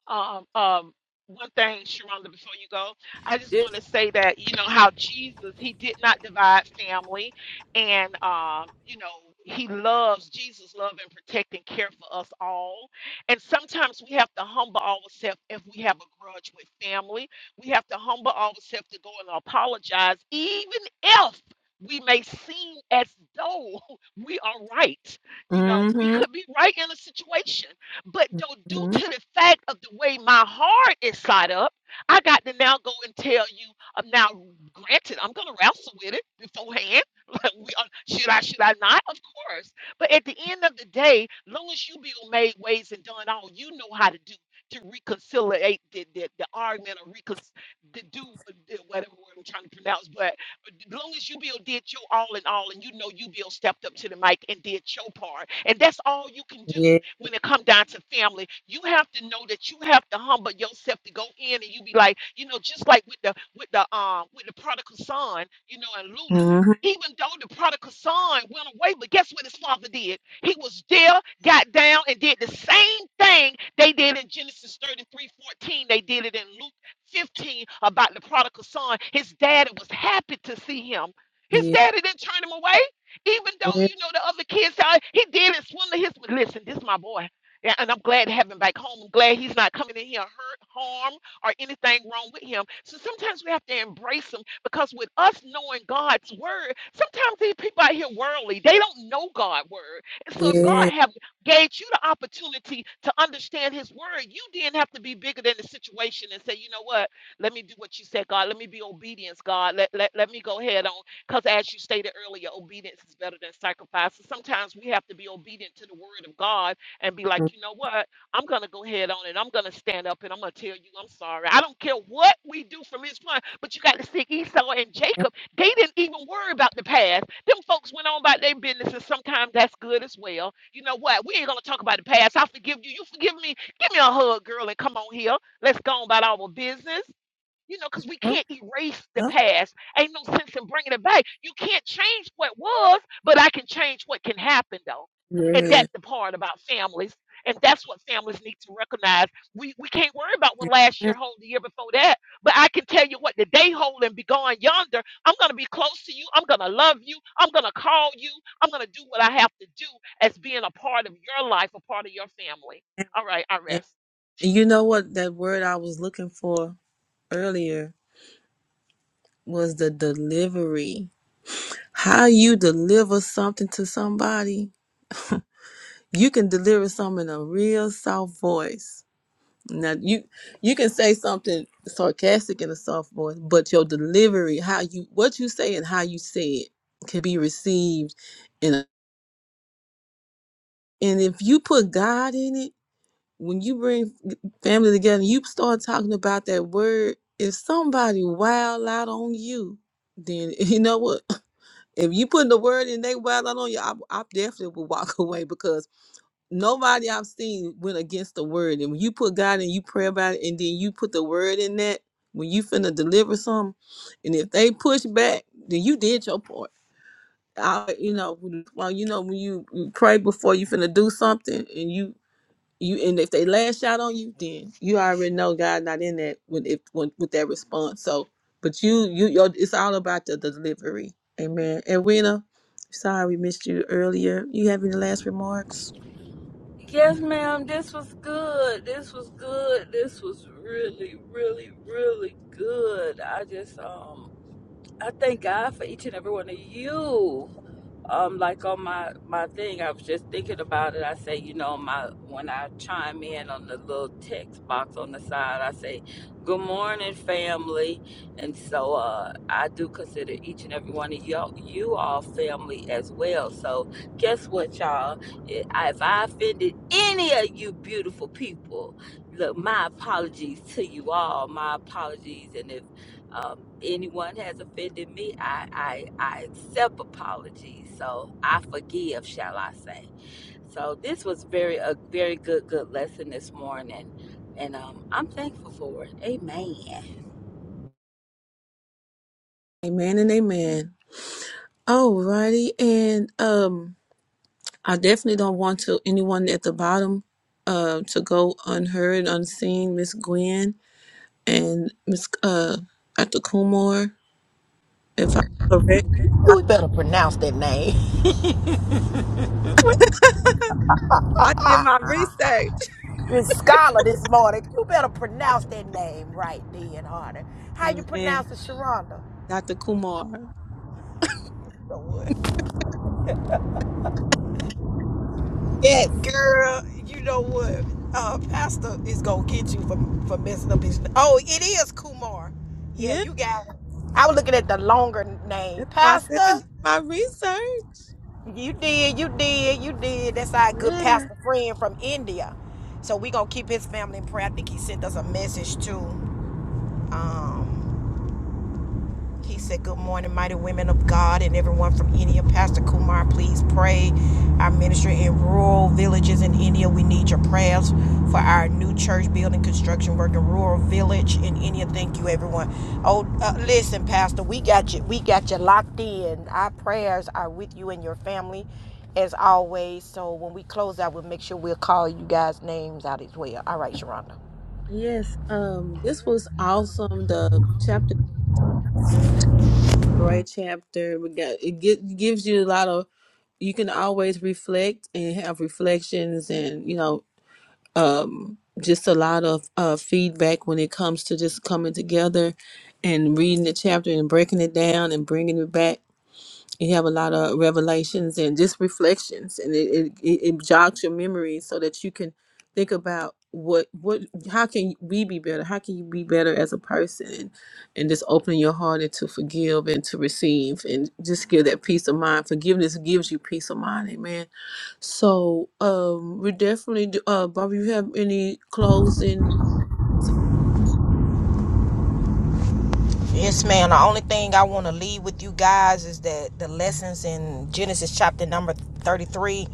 G: Um, um, one thing, Sharonda, before you go, I just want
C: This,
G: to say that you know how Jesus he did not divide family, and um, you know he loves Jesus, love and protect and care for us all. And sometimes we have to humble ourselves if we have a grudge with family. We have to humble ourselves to go and apologize, even if we may seem as though we are right. You know, we
D: hmm
G: could be right in a situation but though due
D: hmm
G: to the fact of the way my heart is side up, I got to now go and tell you. i now granted I'm gonna wrestle with it beforehand. Like we are, should I, should I not? Of course. But at the end of the day, long as you be made ways and done all, you know how to do to reconciliate the, the, the argument or recon the do uh, whatever word I'm trying to pronounce. But as long as you Bill did your all in all, and you know you Bill stepped up to the mic and did your part, and that's all you can do
D: Yeah.
G: when it come down to family you have to know that you have to humble yourself to go in and you be like you know just like with the with the um with the prodigal son you know and luke
D: hmm
G: even though the prodigal son went away but guess what his father did he was there got down and did the same thing they did in genesis 33 14. they did it in luke 15 about the prodigal son his daddy was happy to see him his daddy didn't turn him away even though you know the other kids, how he did it. Swindler, his listen. This is my boy, yeah, and I'm glad to have him back home. I'm glad he's not coming in here hurt, harm, or anything wrong with him. So sometimes we have to embrace him because with us knowing God's word, sometimes these people out here worldly, they don't know God's word. And so if God
D: Yeah.
G: have gave you the opportunity to understand His word, you didn't have to be bigger than the situation and say, you know what, let me do what you said, God. Let me be obedience, God. Let, let, let me go ahead on. Because as you stated earlier, obedience is better than sacrifice. So sometimes we have to be obedient to the word of God and be like, you know what? I'm going to go ahead on it. I'm going to stand up and I'm going to tell you I'm sorry. I don't care what we do from this point, but you got to see Esau and Jacob. They didn't even worry about the past. Them folks went on about their business, and sometimes that's good as well. You know what? We ain't going to talk about the past. I forgive you. You forgive me. Give me a hug, girl, and come on here. Let's go on about our business. You know, because we
D: Yeah.
G: can't erase the
D: Huh?
G: past. Ain't no sense in bringing it back. You can't change what was, but I can change what can happen, though. And
D: Yeah.
G: that's the part about families. And that's what families need to recognize. We, we can't worry about what last year hold the year before that, but I can tell you what the day hold and be gone yonder. I'm going to be close to you. I'm going to love you. I'm going to call you. I'm going to do what I have to do as being a part of your life, a part of your family. All right, I
D: And
G: rest.
D: You know what that word I was looking for earlier was the delivery. How you deliver something to somebody, you can deliver something in a real soft voice. Now you you can say something sarcastic in a soft voice, but your delivery, how you what you say and how you say it can be received in a and if you put God in it, when you bring family together, you start talking about that word. If somebody wild out on you, then you know what? If you put the word in, they wild out on you. I, I definitely would walk away because nobody I've seen went against the word. And when you put God and you pray about it, and then you put the word in that when you finna deliver something, and if they push back, then you did your part. I, you know, well, you know, when you, you pray before you finna do something, and you you and if they lash out on you, then you already know God not in that when if when, with that response. So, but you you your, it's all about the delivery. Amen. And Rena, sorry we missed you earlier. You have any last remarks?
C: yes, ma'am. This was good. This was good. This was really, really, really good. I just, um, I thank God for each and every one of you. um, like on my my thing, I was just thinking about it. I say, you know, my when I chime in on the little text box on the side, I say, "Good morning, family," and so uh, I do consider each and every one of y'all you all family as well. So guess what, y'all? If I if I offended any of you beautiful people, look, my apologies to you all. My apologies, and if um, anyone has offended me, I, I, I accept apologies. So I forgive, shall I say. So this was very a very good, good lesson this morning. And um, I'm thankful for it. Amen.
D: Amen and amen. Alrighty, and um, I definitely don't want to anyone at the bottom, uh, to go unheard, unseen. Miss Gwen and Miss uh, Dr. Kumar, if I'm correct. I, I did my research. Amen. Dr. Kumar. Yes.
A: Girl, you know what? Uh, Pastor is gonna get you for, for messing up his. Oh, it is Kumar. Yeah,
D: Yeah,
A: you got it. I was looking at the longer name,
D: that's why I said I did
A: Pastor.
D: my research.
A: You did, you did, you did. That's our good
D: Amen.
A: pastor friend from India. So we gonna keep his family in prayer. I think he sent us a message too. Um, He said, Good morning, mighty women of God, and everyone from India. Pastor Kumar, please pray. Our ministry in rural villages in India, we need your prayers for our new church building construction work in rural village in India. Thank you, everyone. Oh, uh, listen, Pastor, we got you. We got you locked in. Our prayers are with you and your family, as always. So when we close out, we'll make sure we'll call you guys' names out as well. All right, Sharonda.
D: Yes. Um, this was awesome. The chapter, great chapter. We got it gi- gives you a lot of you can always reflect and have reflections and you know, um just a lot of uh feedback when it comes to just coming together and reading the chapter and breaking it down and bringing it back you have a lot of revelations and just reflections and it, it, it it jogs your memory so that you can think about what what how can we be better how can you be better as a person and, and just opening your heart and to forgive and to receive and just give that peace of mind forgiveness gives you peace of mind amen so um we definitely do, uh bobby you have any closing
A: Yes, man. The only thing I want to leave with you guys is that the lessons in Genesis chapter number 33,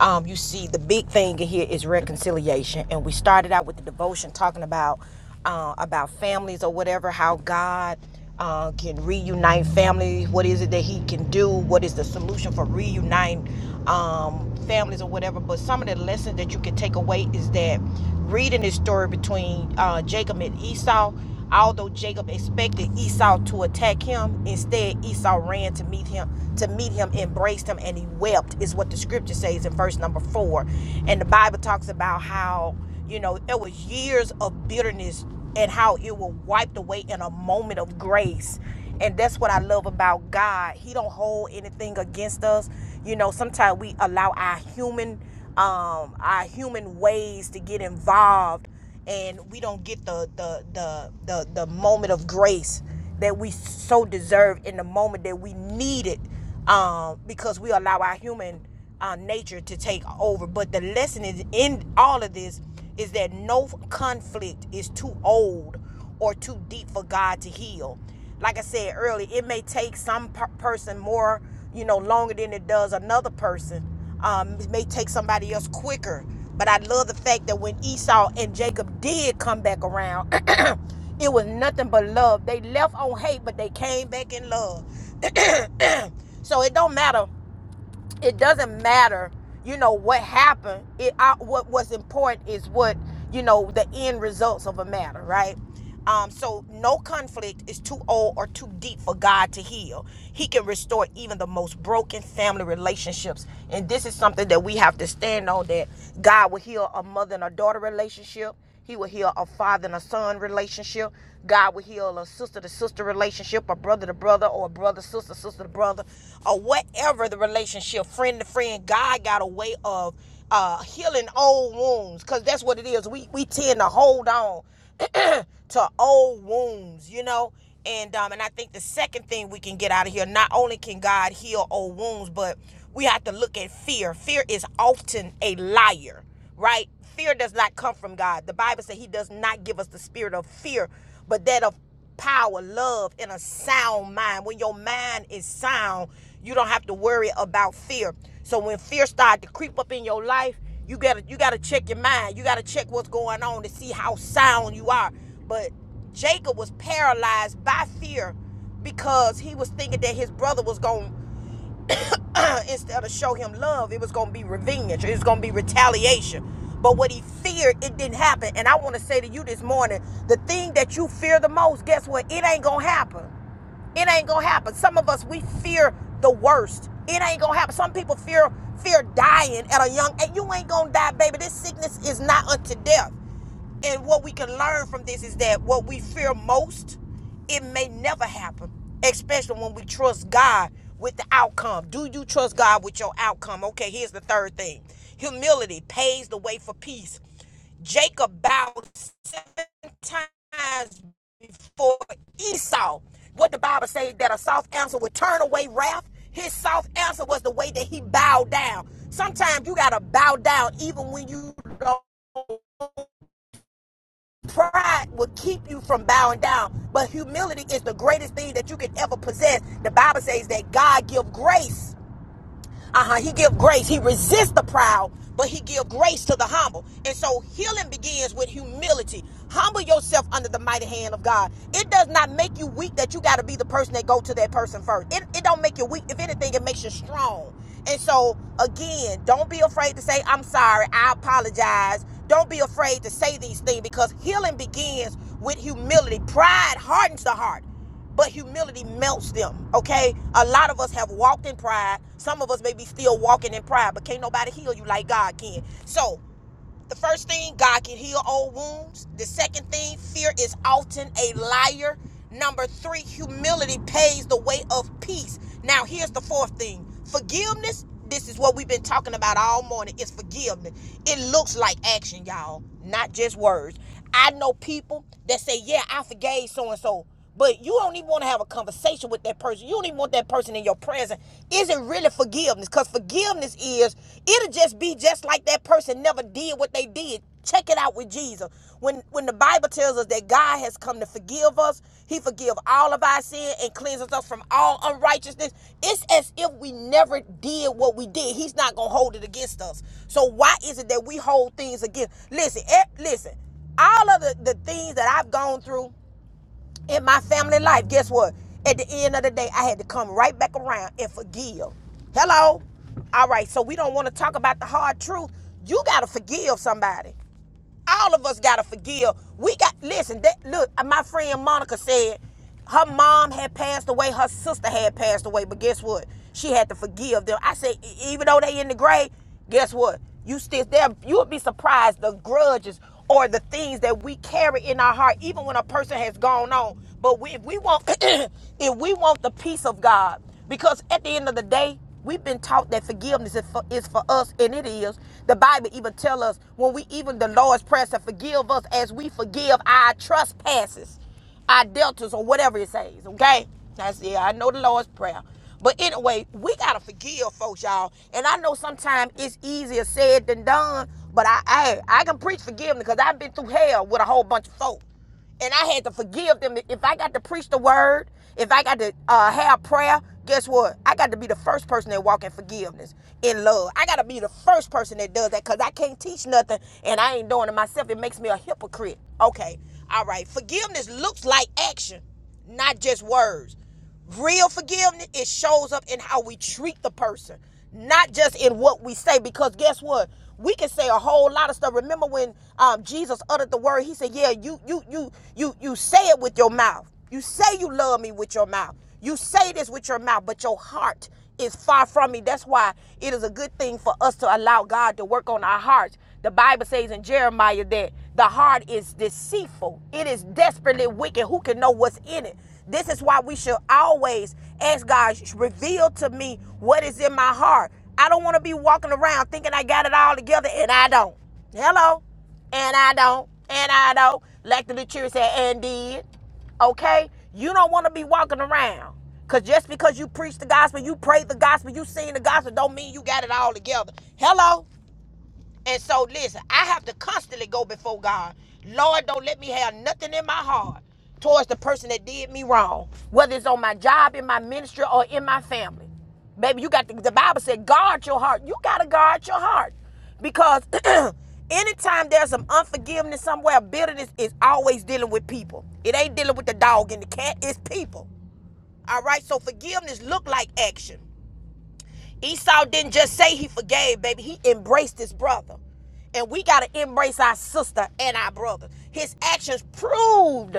A: um, you see, the big thing in here is reconciliation. And we started out with the devotion talking about uh, about families or whatever, how God uh, can reunite families. What is it that He can do? What is the solution for reuniting um, families or whatever? But some of the lessons that you can take away is that reading this story between uh, Jacob and Esau. Although Jacob expected Esau to attack him, instead Esau ran to meet him, to meet him, embraced him, and he wept, is what the scripture says in verse number four. And the Bible talks about how, you know, it was years of bitterness and how it was wiped away in a moment of grace. And that's what I love about God. He don't hold anything against us. You know, sometimes we allow our human um our human ways to get involved and we don't get the the the the, the moment of grace that we so deserve in the moment that we need it um, because we allow our human uh, nature to take over. But the lesson is in all of this is that no conflict is too old or too deep for God to heal. Like I said earlier, it may take some per- person more, you know, longer than it does another person. Um, it may take somebody else quicker. But I love the fact that when Esau and Jacob did come back around, it was nothing but love. They left on hate, but they came back in love. so it don't matter it doesn't matter you know what happened it I, what was important is what you know the end results of a matter right um so no conflict is too old or too deep for god to heal he can restore even the most broken family relationships and this is something that we have to stand on that god will heal a mother and a daughter relationship he will heal a father and a son relationship. God will heal a sister to sister relationship, a brother to brother, or a brother sister, sister to brother, or whatever the relationship, friend to friend. God got a way of uh, healing old wounds because that's what it is. We, we tend to hold on to old wounds, you know. And um, and I think the second thing we can get out of here, not only can God heal old wounds, but we have to look at fear. Fear is often a liar, right? Fear does not come from God. The Bible says He does not give us the spirit of fear, but that of power, love, and a sound mind. When your mind is sound, you don't have to worry about fear. So when fear start to creep up in your life, you gotta you gotta check your mind. You gotta check what's going on to see how sound you are. But Jacob was paralyzed by fear because he was thinking that his brother was going instead of show him love, it was going to be revenge. It was going to be retaliation. But what he feared, it didn't happen. And I want to say to you this morning the thing that you fear the most, guess what? It ain't going to happen. It ain't gonna happen. Some of us we fear the worst. It ain't gonna happen. Some people fear fear dying at a young age. You ain't gonna die, baby. This sickness is not unto death. And what we can learn from this is that what we fear most, it may never happen, especially when we trust God with the outcome. Do you trust God with your outcome? Okay, here's the third thing humility paves the way for peace. Jacob bowed seven times before Esau. What the Bible says that a soft answer would turn away wrath. His soft answer was the way that he bowed down. Sometimes you gotta bow down even when you don't. Pride will keep you from bowing down, but humility is the greatest thing that you can ever possess. The Bible says that God gives grace Uh-huh. He give grace. He resists the proud, but he give grace to the humble. And so healing begins with humility. Humble yourself under the mighty hand of God. It does not make you weak that you got to be the person that go to that person first. It, it don't make you weak. If anything, it makes you strong. And so again, don't be afraid to say, I'm sorry. I apologize. Don't be afraid to say these things because healing begins with humility. Pride hardens the heart but humility melts them. Okay, a lot of us have walked in pride. Some of us may be still walking in pride, but can't nobody heal you like God can. So, the first thing, God can heal old wounds. The second thing, fear is often a liar. Number three, humility pays the way of peace. Now, here's the fourth thing forgiveness. This is what we've been talking about all morning. It's forgiveness. It looks like action, y'all, not just words. I know people that say, Yeah, I forgave so and so but you don't even want to have a conversation with that person. You don't even want that person in your presence. Is it really forgiveness? Because forgiveness is, it'll just be just like that person never did what they did. Check it out with Jesus. When when the Bible tells us that God has come to forgive us, He forgive all of our sin and cleanses us from all unrighteousness. It's as if we never did what we did. He's not gonna hold it against us. So why is it that we hold things against? Listen, eh, listen. All of the, the things that I've gone through, in my family life, guess what? At the end of the day, I had to come right back around and forgive. Hello? All right, so we don't want to talk about the hard truth. You got to forgive somebody. All of us gotta forgive. We got listen. That look, uh, my friend Monica said her mom had passed away, her sister had passed away, but guess what? She had to forgive them. I said, "E- even though they in the grave, guess what? You still there. You would be surprised the grudges or the things that we carry in our heart, even when a person has gone on. But we, if we want, if we want the peace of God. Because at the end of the day, we've been taught that forgiveness is for, is for us, and it is. The Bible even tells us when we even the Lord's prayer to forgive us as we forgive our trespasses, our deltas, or whatever it says. Okay, that's yeah. I know the Lord's prayer. But anyway, we gotta forgive folks, y'all. And I know sometimes it's easier said than done. But I, I, I can preach forgiveness because I've been through hell with a whole bunch of folks and I had to forgive them. If I got to preach the word, if I got to uh, have prayer, guess what? I got to be the first person that walk in forgiveness, in love. I got to be the first person that does that because I can't teach nothing and I ain't doing it myself. It makes me a hypocrite. Okay, all right. Forgiveness looks like action not just words. Real forgiveness, it shows up in how we treat the person, not just in what we say. Because guess what? We can say a whole lot of stuff. Remember when um, Jesus uttered the word, he said, Yeah, you you you you you say it with your mouth. You say you love me with your mouth. You say this with your mouth, but your heart is far from me. That's why it is a good thing for us to allow God to work on our hearts. The Bible says in Jeremiah that the heart is deceitful, it is desperately wicked. Who can know what's in it? This is why we should always ask God, reveal to me what is in my heart. I don't want to be walking around thinking I got it all together and I don't. Hello? And I don't. And I don't. Like the little children said, and did. Okay? You don't want to be walking around. Because just because you preach the gospel, you pray the gospel, you sing the gospel, don't mean you got it all together. Hello? And so, listen, I have to constantly go before God. Lord, don't let me have nothing in my heart towards the person that did me wrong, whether it's on my job, in my ministry, or in my family. Baby, you got to, the Bible said, guard your heart. You got to guard your heart because anytime there's some unforgiveness somewhere, bitterness is always dealing with people. It ain't dealing with the dog and the cat, it's people. All right, so forgiveness look like action. Esau didn't just say he forgave, baby. He embraced his brother. And we got to embrace our sister and our brother. His actions proved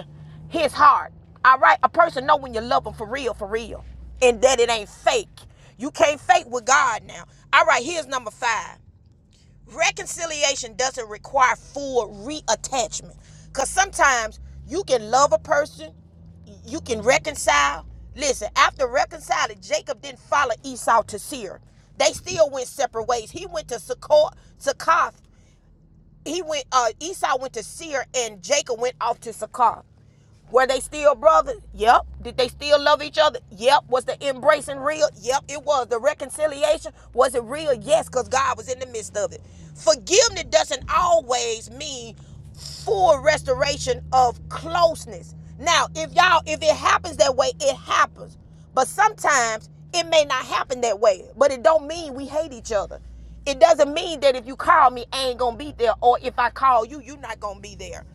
A: his heart. All right? A person know when you love them for real, for real. And that it ain't fake. You can't fake with God now. All right, here's number five reconciliation doesn't require full reattachment because sometimes you can love a person you can reconcile listen after reconciling jacob didn't follow esau to seir they still went separate ways he went to Succoth, he went uh esau went to seir and jacob went off to Succoth. Were they still brothers? Yep. Did they still love each other? Yep. Was the embracing real? Yep, it was. The reconciliation, was it real? Yes, because God was in the midst of it. Forgiveness doesn't always mean full restoration of closeness. Now, if y'all, if it happens that way, it happens. But sometimes it may not happen that way. But it don't mean we hate each other. It doesn't mean that if you call me, I ain't gonna be there, or if I call you, you're not gonna be there.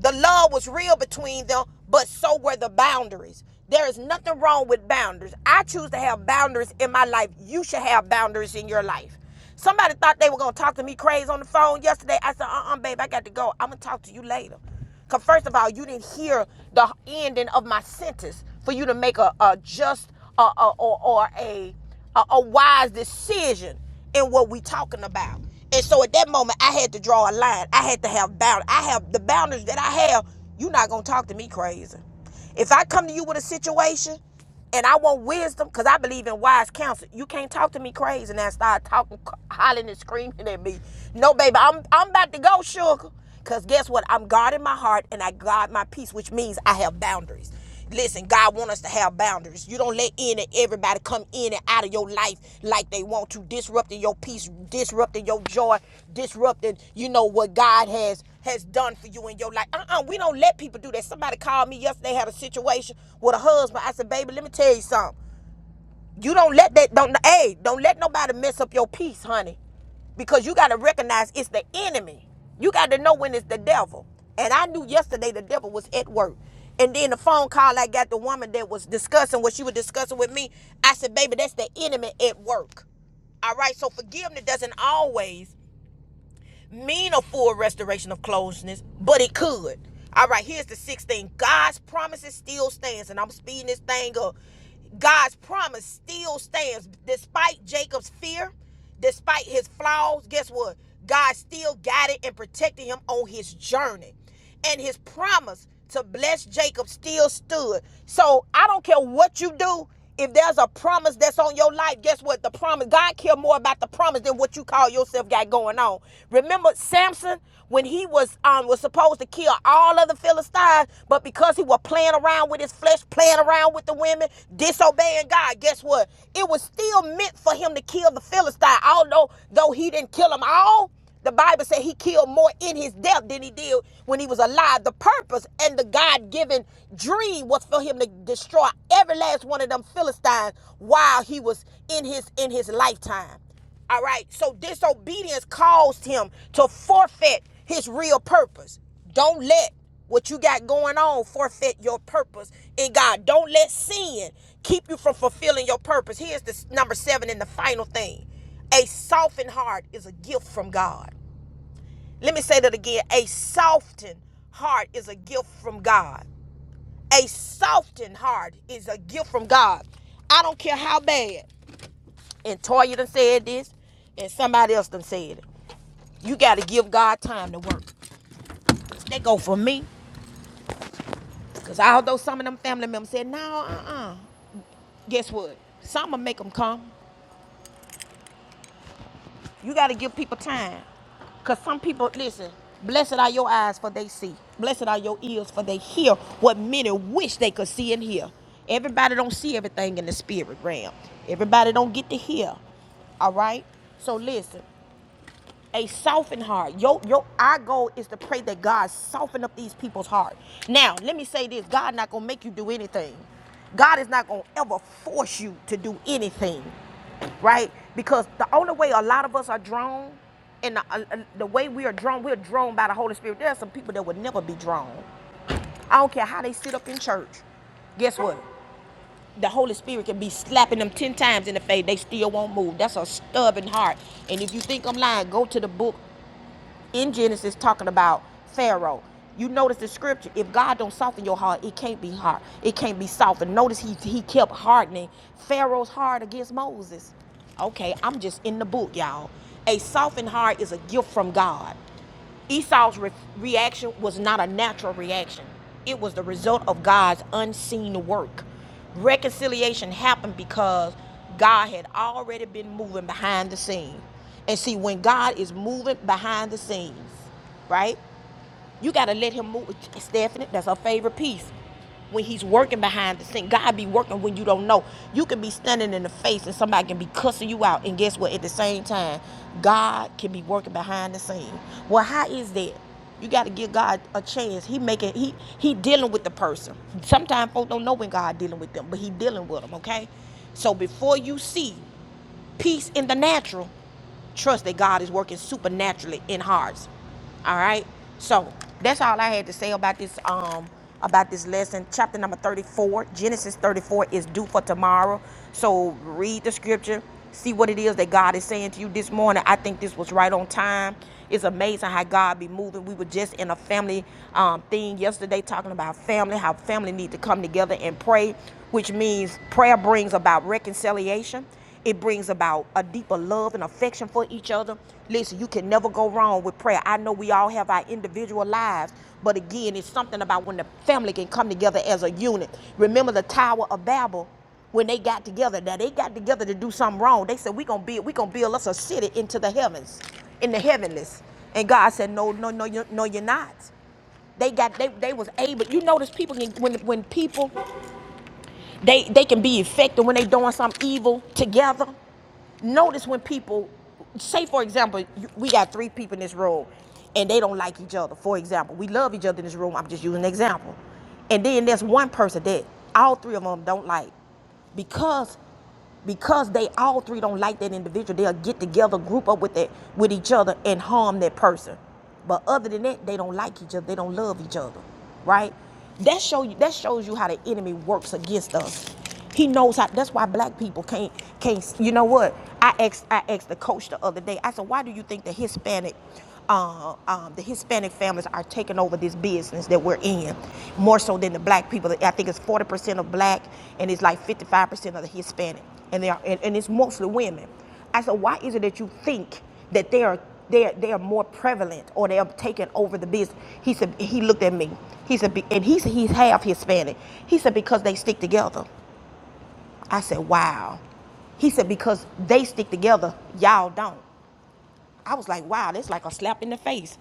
A: The love was real between them, but so were the boundaries. There is nothing wrong with boundaries. I choose to have boundaries in my life. You should have boundaries in your life. Somebody thought they were gonna talk to me crazy on the phone yesterday. I said, uh-uh, babe, I got to go. I'm gonna talk to you later. Cause first of all, you didn't hear the ending of my sentence for you to make a, a just uh, uh, or, or a a, a wise decision in what we talking about. And so at that moment, I had to draw a line. I had to have boundaries. I have the boundaries that I have. You're not gonna talk to me crazy. If I come to you with a situation and I want wisdom, because I believe in wise counsel, you can't talk to me crazy and now start talking, hollering and screaming at me. No, baby, I'm I'm about to go, sugar. Cause guess what? I'm guarding my heart and I guard my peace, which means I have boundaries. Listen, God want us to have boundaries. You don't let in and everybody come in and out of your life like they want to, disrupting your peace, disrupting your joy, disrupting, you know, what God has has done for you in your life. Uh-uh, we don't let people do that. Somebody called me yesterday, had a situation with a husband. I said, baby, let me tell you something. You don't let that don't hey, don't let nobody mess up your peace, honey. Because you gotta recognize it's the enemy. You gotta know when it's the devil. And I knew yesterday the devil was at work. And then the phone call I got the woman that was discussing what she was discussing with me, I said, baby, that's the enemy at work. All right, so forgiveness doesn't always mean a full restoration of closeness, but it could. All right, here's the sixth thing. God's promises still stands, and I'm speeding this thing up. God's promise still stands despite Jacob's fear, despite his flaws. Guess what? God still guided and protected him on his journey and his promise to bless Jacob still stood. So I don't care what you do. If there's a promise that's on your life, guess what? The promise, God care more about the promise than what you call yourself got going on. Remember Samson when he was um was supposed to kill all of the Philistines, but because he was playing around with his flesh, playing around with the women, disobeying God, guess what? It was still meant for him to kill the Philistine, although though he didn't kill them all. The Bible said he killed more in his death than he did when he was alive. The purpose and the God given dream was for him to destroy every last one of them Philistines while he was in his in his lifetime. All right. So disobedience caused him to forfeit his real purpose. Don't let what you got going on forfeit your purpose in God. Don't let sin keep you from fulfilling your purpose. Here's the number 7 and the final thing. A softened heart is a gift from God. Let me say that again. A softened heart is a gift from God. A softened heart is a gift from God. I don't care how bad. And Toya done said this, and somebody else done said it. You got to give God time to work. They go for me. Because although some of them family members said, no, uh-uh. Guess what? Some will make them come. You got to give people time. Because some people, listen, blessed are your eyes for they see. Blessed are your ears for they hear what many wish they could see and hear. Everybody don't see everything in the spirit realm. Everybody don't get to hear. All right? So listen, a softened heart. Your, your our goal is to pray that God soften up these people's heart. Now, let me say this. God not going to make you do anything. God is not going to ever force you to do anything right? Because the only way a lot of us are drawn, and the, uh, uh, the way we are drawn, we're drawn by the Holy Spirit. There are some people that would never be drawn. I don't care how they sit up in church. Guess what? The Holy Spirit can be slapping them ten times in the face. They still won't move. That's a stubborn heart. And if you think I'm lying, go to the book in Genesis talking about Pharaoh. You notice the scripture. If God don't soften your heart, it can't be hard. It can't be softened. Notice he he kept hardening Pharaoh's heart against Moses. Okay, I'm just in the book, y'all. A softened heart is a gift from God. Esau's re- reaction was not a natural reaction. It was the result of God's unseen work. Reconciliation happened because God had already been moving behind the scenes. And see, when God is moving behind the scenes, right? You gotta let him move. Stephanie, that's her favorite piece. When he's working behind the scene, God be working when you don't know. You can be standing in the face and somebody can be cussing you out, and guess what? At the same time, God can be working behind the scene. Well, how is that? You got to give God a chance. He making he he dealing with the person. Sometimes folks don't know when God dealing with them, but he dealing with them. Okay, so before you see peace in the natural, trust that God is working supernaturally in hearts. All right. So that's all I had to say about this um about this lesson. Chapter number 34, Genesis 34 is due for tomorrow. So read the scripture, see what it is that God is saying to you this morning. I think this was right on time. It's amazing how God be moving. We were just in a family um, thing yesterday talking about family, how family need to come together and pray, which means prayer brings about reconciliation. It brings about a deeper love and affection for each other. Listen, you can never go wrong with prayer. I know we all have our individual lives, but again, it's something about when the family can come together as a unit. Remember the Tower of Babel when they got together. Now they got together to do something wrong. They said, We're gonna build, we gonna build us a city into the heavens, in the heavenlies. And God said, No, no, no, you no, you're not. They got they they was able. You notice people can when when people they they can be effective when they doing some evil together. Notice when people say, for example, we got three people in this room, and they don't like each other. For example, we love each other in this room. I'm just using an example. And then there's one person that all three of them don't like, because because they all three don't like that individual. They'll get together, group up with that with each other, and harm that person. But other than that, they don't like each other. They don't love each other, right? That show you that shows you how the enemy works works against us. He knows how. That's why black people can't can't. You know what? I asked I asked the coach the other day. I said, why do you think the Hispanic, uh, um, the Hispanic families are taking over this business that we're in, more so than the black people? I think it's forty percent of black and it's like fifty five percent of the Hispanic, and they are and, and it's mostly women. I said, why is it that you think that they are they are, they are more prevalent or they are taking? over the business. He said he looked at me. He said "Be- and he said he's half Hispanic. He said because they stick together. I said wow. He said because they stick together, y'all don't. I was like, wow, that's like a slap in the face.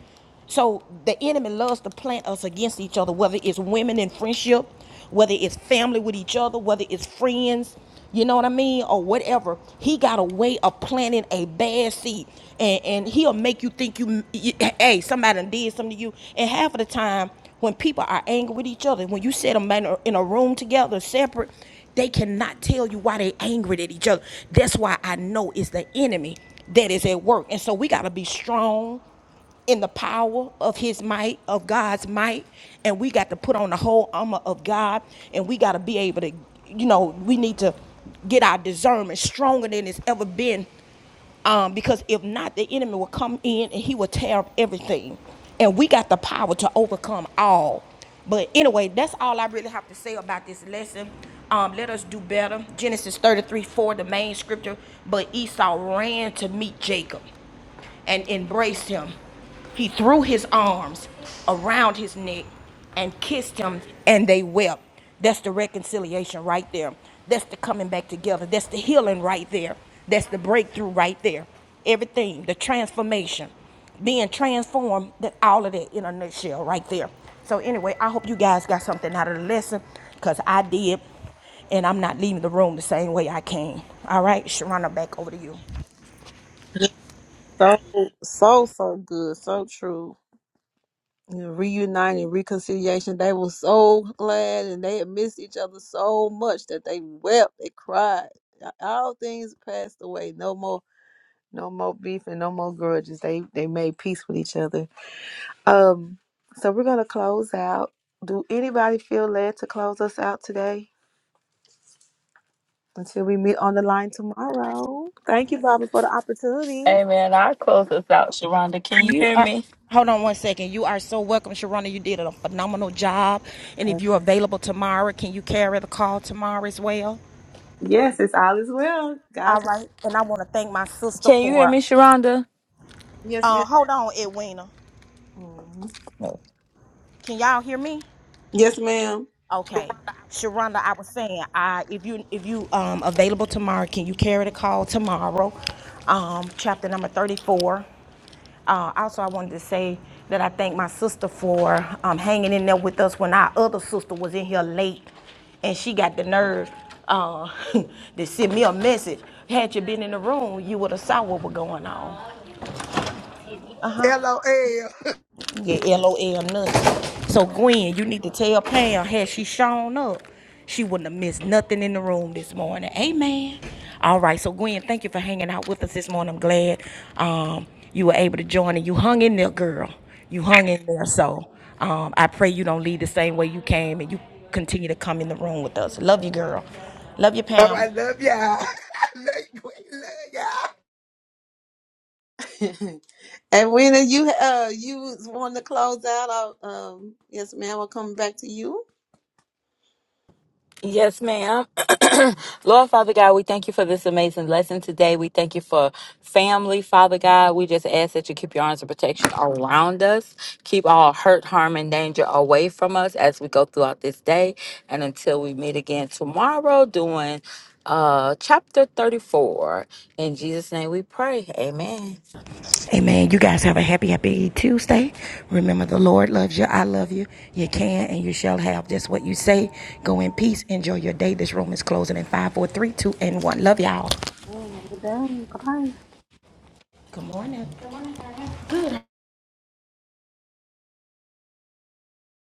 A: So the enemy loves to plant us against each other, whether it's women in friendship, whether it's family with each other, whether it's friends, you know what I mean, or whatever. He got a way of planting a bad seed, and and he'll make you think you, you hey, somebody did something to you. And half of the time, when people are angry with each other, when you set them in a, in a room together, separate, they cannot tell you why they are angry at each other. That's why I know it's the enemy that is at work. And so we got to be strong in the power of his might, of God's might, and we got to put on the whole armor of God and we got to be able to you know, we need to get our discernment stronger than it's ever been um, because if not, the enemy will come in and he will tear up everything. And we got the power to overcome all. But anyway, that's all I really have to say about this lesson. Um, let us do better. Genesis 33 4, the main scripture. But Esau ran to meet Jacob and embraced him. He threw his arms around his neck and kissed him, and they wept. That's the reconciliation right there. That's the coming back together. That's the healing right there. That's the breakthrough right there. Everything, the transformation, being transformed, that all of that in a nutshell right there. So anyway, I hope you guys got something out of the lesson, cause I did, and I'm not leaving the room the same way I came. All right, Sharana, back over to you.
D: So so so good, so true. reuniting reconciliation they were so glad and they had missed each other so much that they wept they cried all things passed away no more no more beef and no more grudges they they made peace with each other um so we're gonna close out do anybody feel led to close us out today until we meet on the line tomorrow thank you barbara for the opportunity
C: Amen. I close this out, Sharonda. Can you
A: You
C: hear
A: are.
C: me?
A: Hold on one second. You are so welcome, Sharona. You did a phenomenal job. And if you're available tomorrow, can you carry the call tomorrow as well?
D: yes it's all is well
A: All
D: God's
A: right. And I want to thank my sister
C: Can you hear me,
A: for.
C: Sharonda?
D: yes
A: Uh,
D: ma'am
A: hold on, Edwina.
D: Mhm.
A: Can y'all hear me?
D: yes ma'am
A: Okay. Sharonda, I was saying, I if you if you um available tomorrow, can you carry the call tomorrow? Um, chapter number 34. Uh, also, I wanted to say that I thank my sister for um, hanging in there with us when our other sister was in here late, and she got the nerve uh, to send me a message. Had you been in the room, you would have saw what was going on.
K: LOL.
A: Yeah, LOL nothing. So Gwen, you need to tell Pam had she shown up, she wouldn't have missed nothing in the room this morning. Amen. All right, so Gwen, thank you for hanging out with us this morning. I'm glad um, you were able to join and you hung in there, girl. You hung in there. So um, I pray you don't leave the same way you came and you continue to come in the room with us. Love you, girl. Love you,
K: All
A: Pam.
K: right, love y'all. love you, love y'all.
D: and when you uh you want to close out? I'll, um, yes, ma'am. I'll come back to you.
C: Yes, ma'am. Lord Father God, we thank you for this amazing lesson today. We thank you for family, Father God. We just ask that you keep your arms of protection all around us. Keep all hurt, harm, and danger away from us as we go throughout this day and until we meet again tomorrow doing uh chapter 34. In Jesus' name we pray. Amen.
A: Amen. You guys have a happy, happy Tuesday. Remember, the Lord loves you. I love you. You can and you shall have just what you say. Go in peace. Enjoy your day. This room is closing in five, four, three, two, and 1. Love y'all.
D: Yeah, have a good day. Bye bye.
A: Good morning.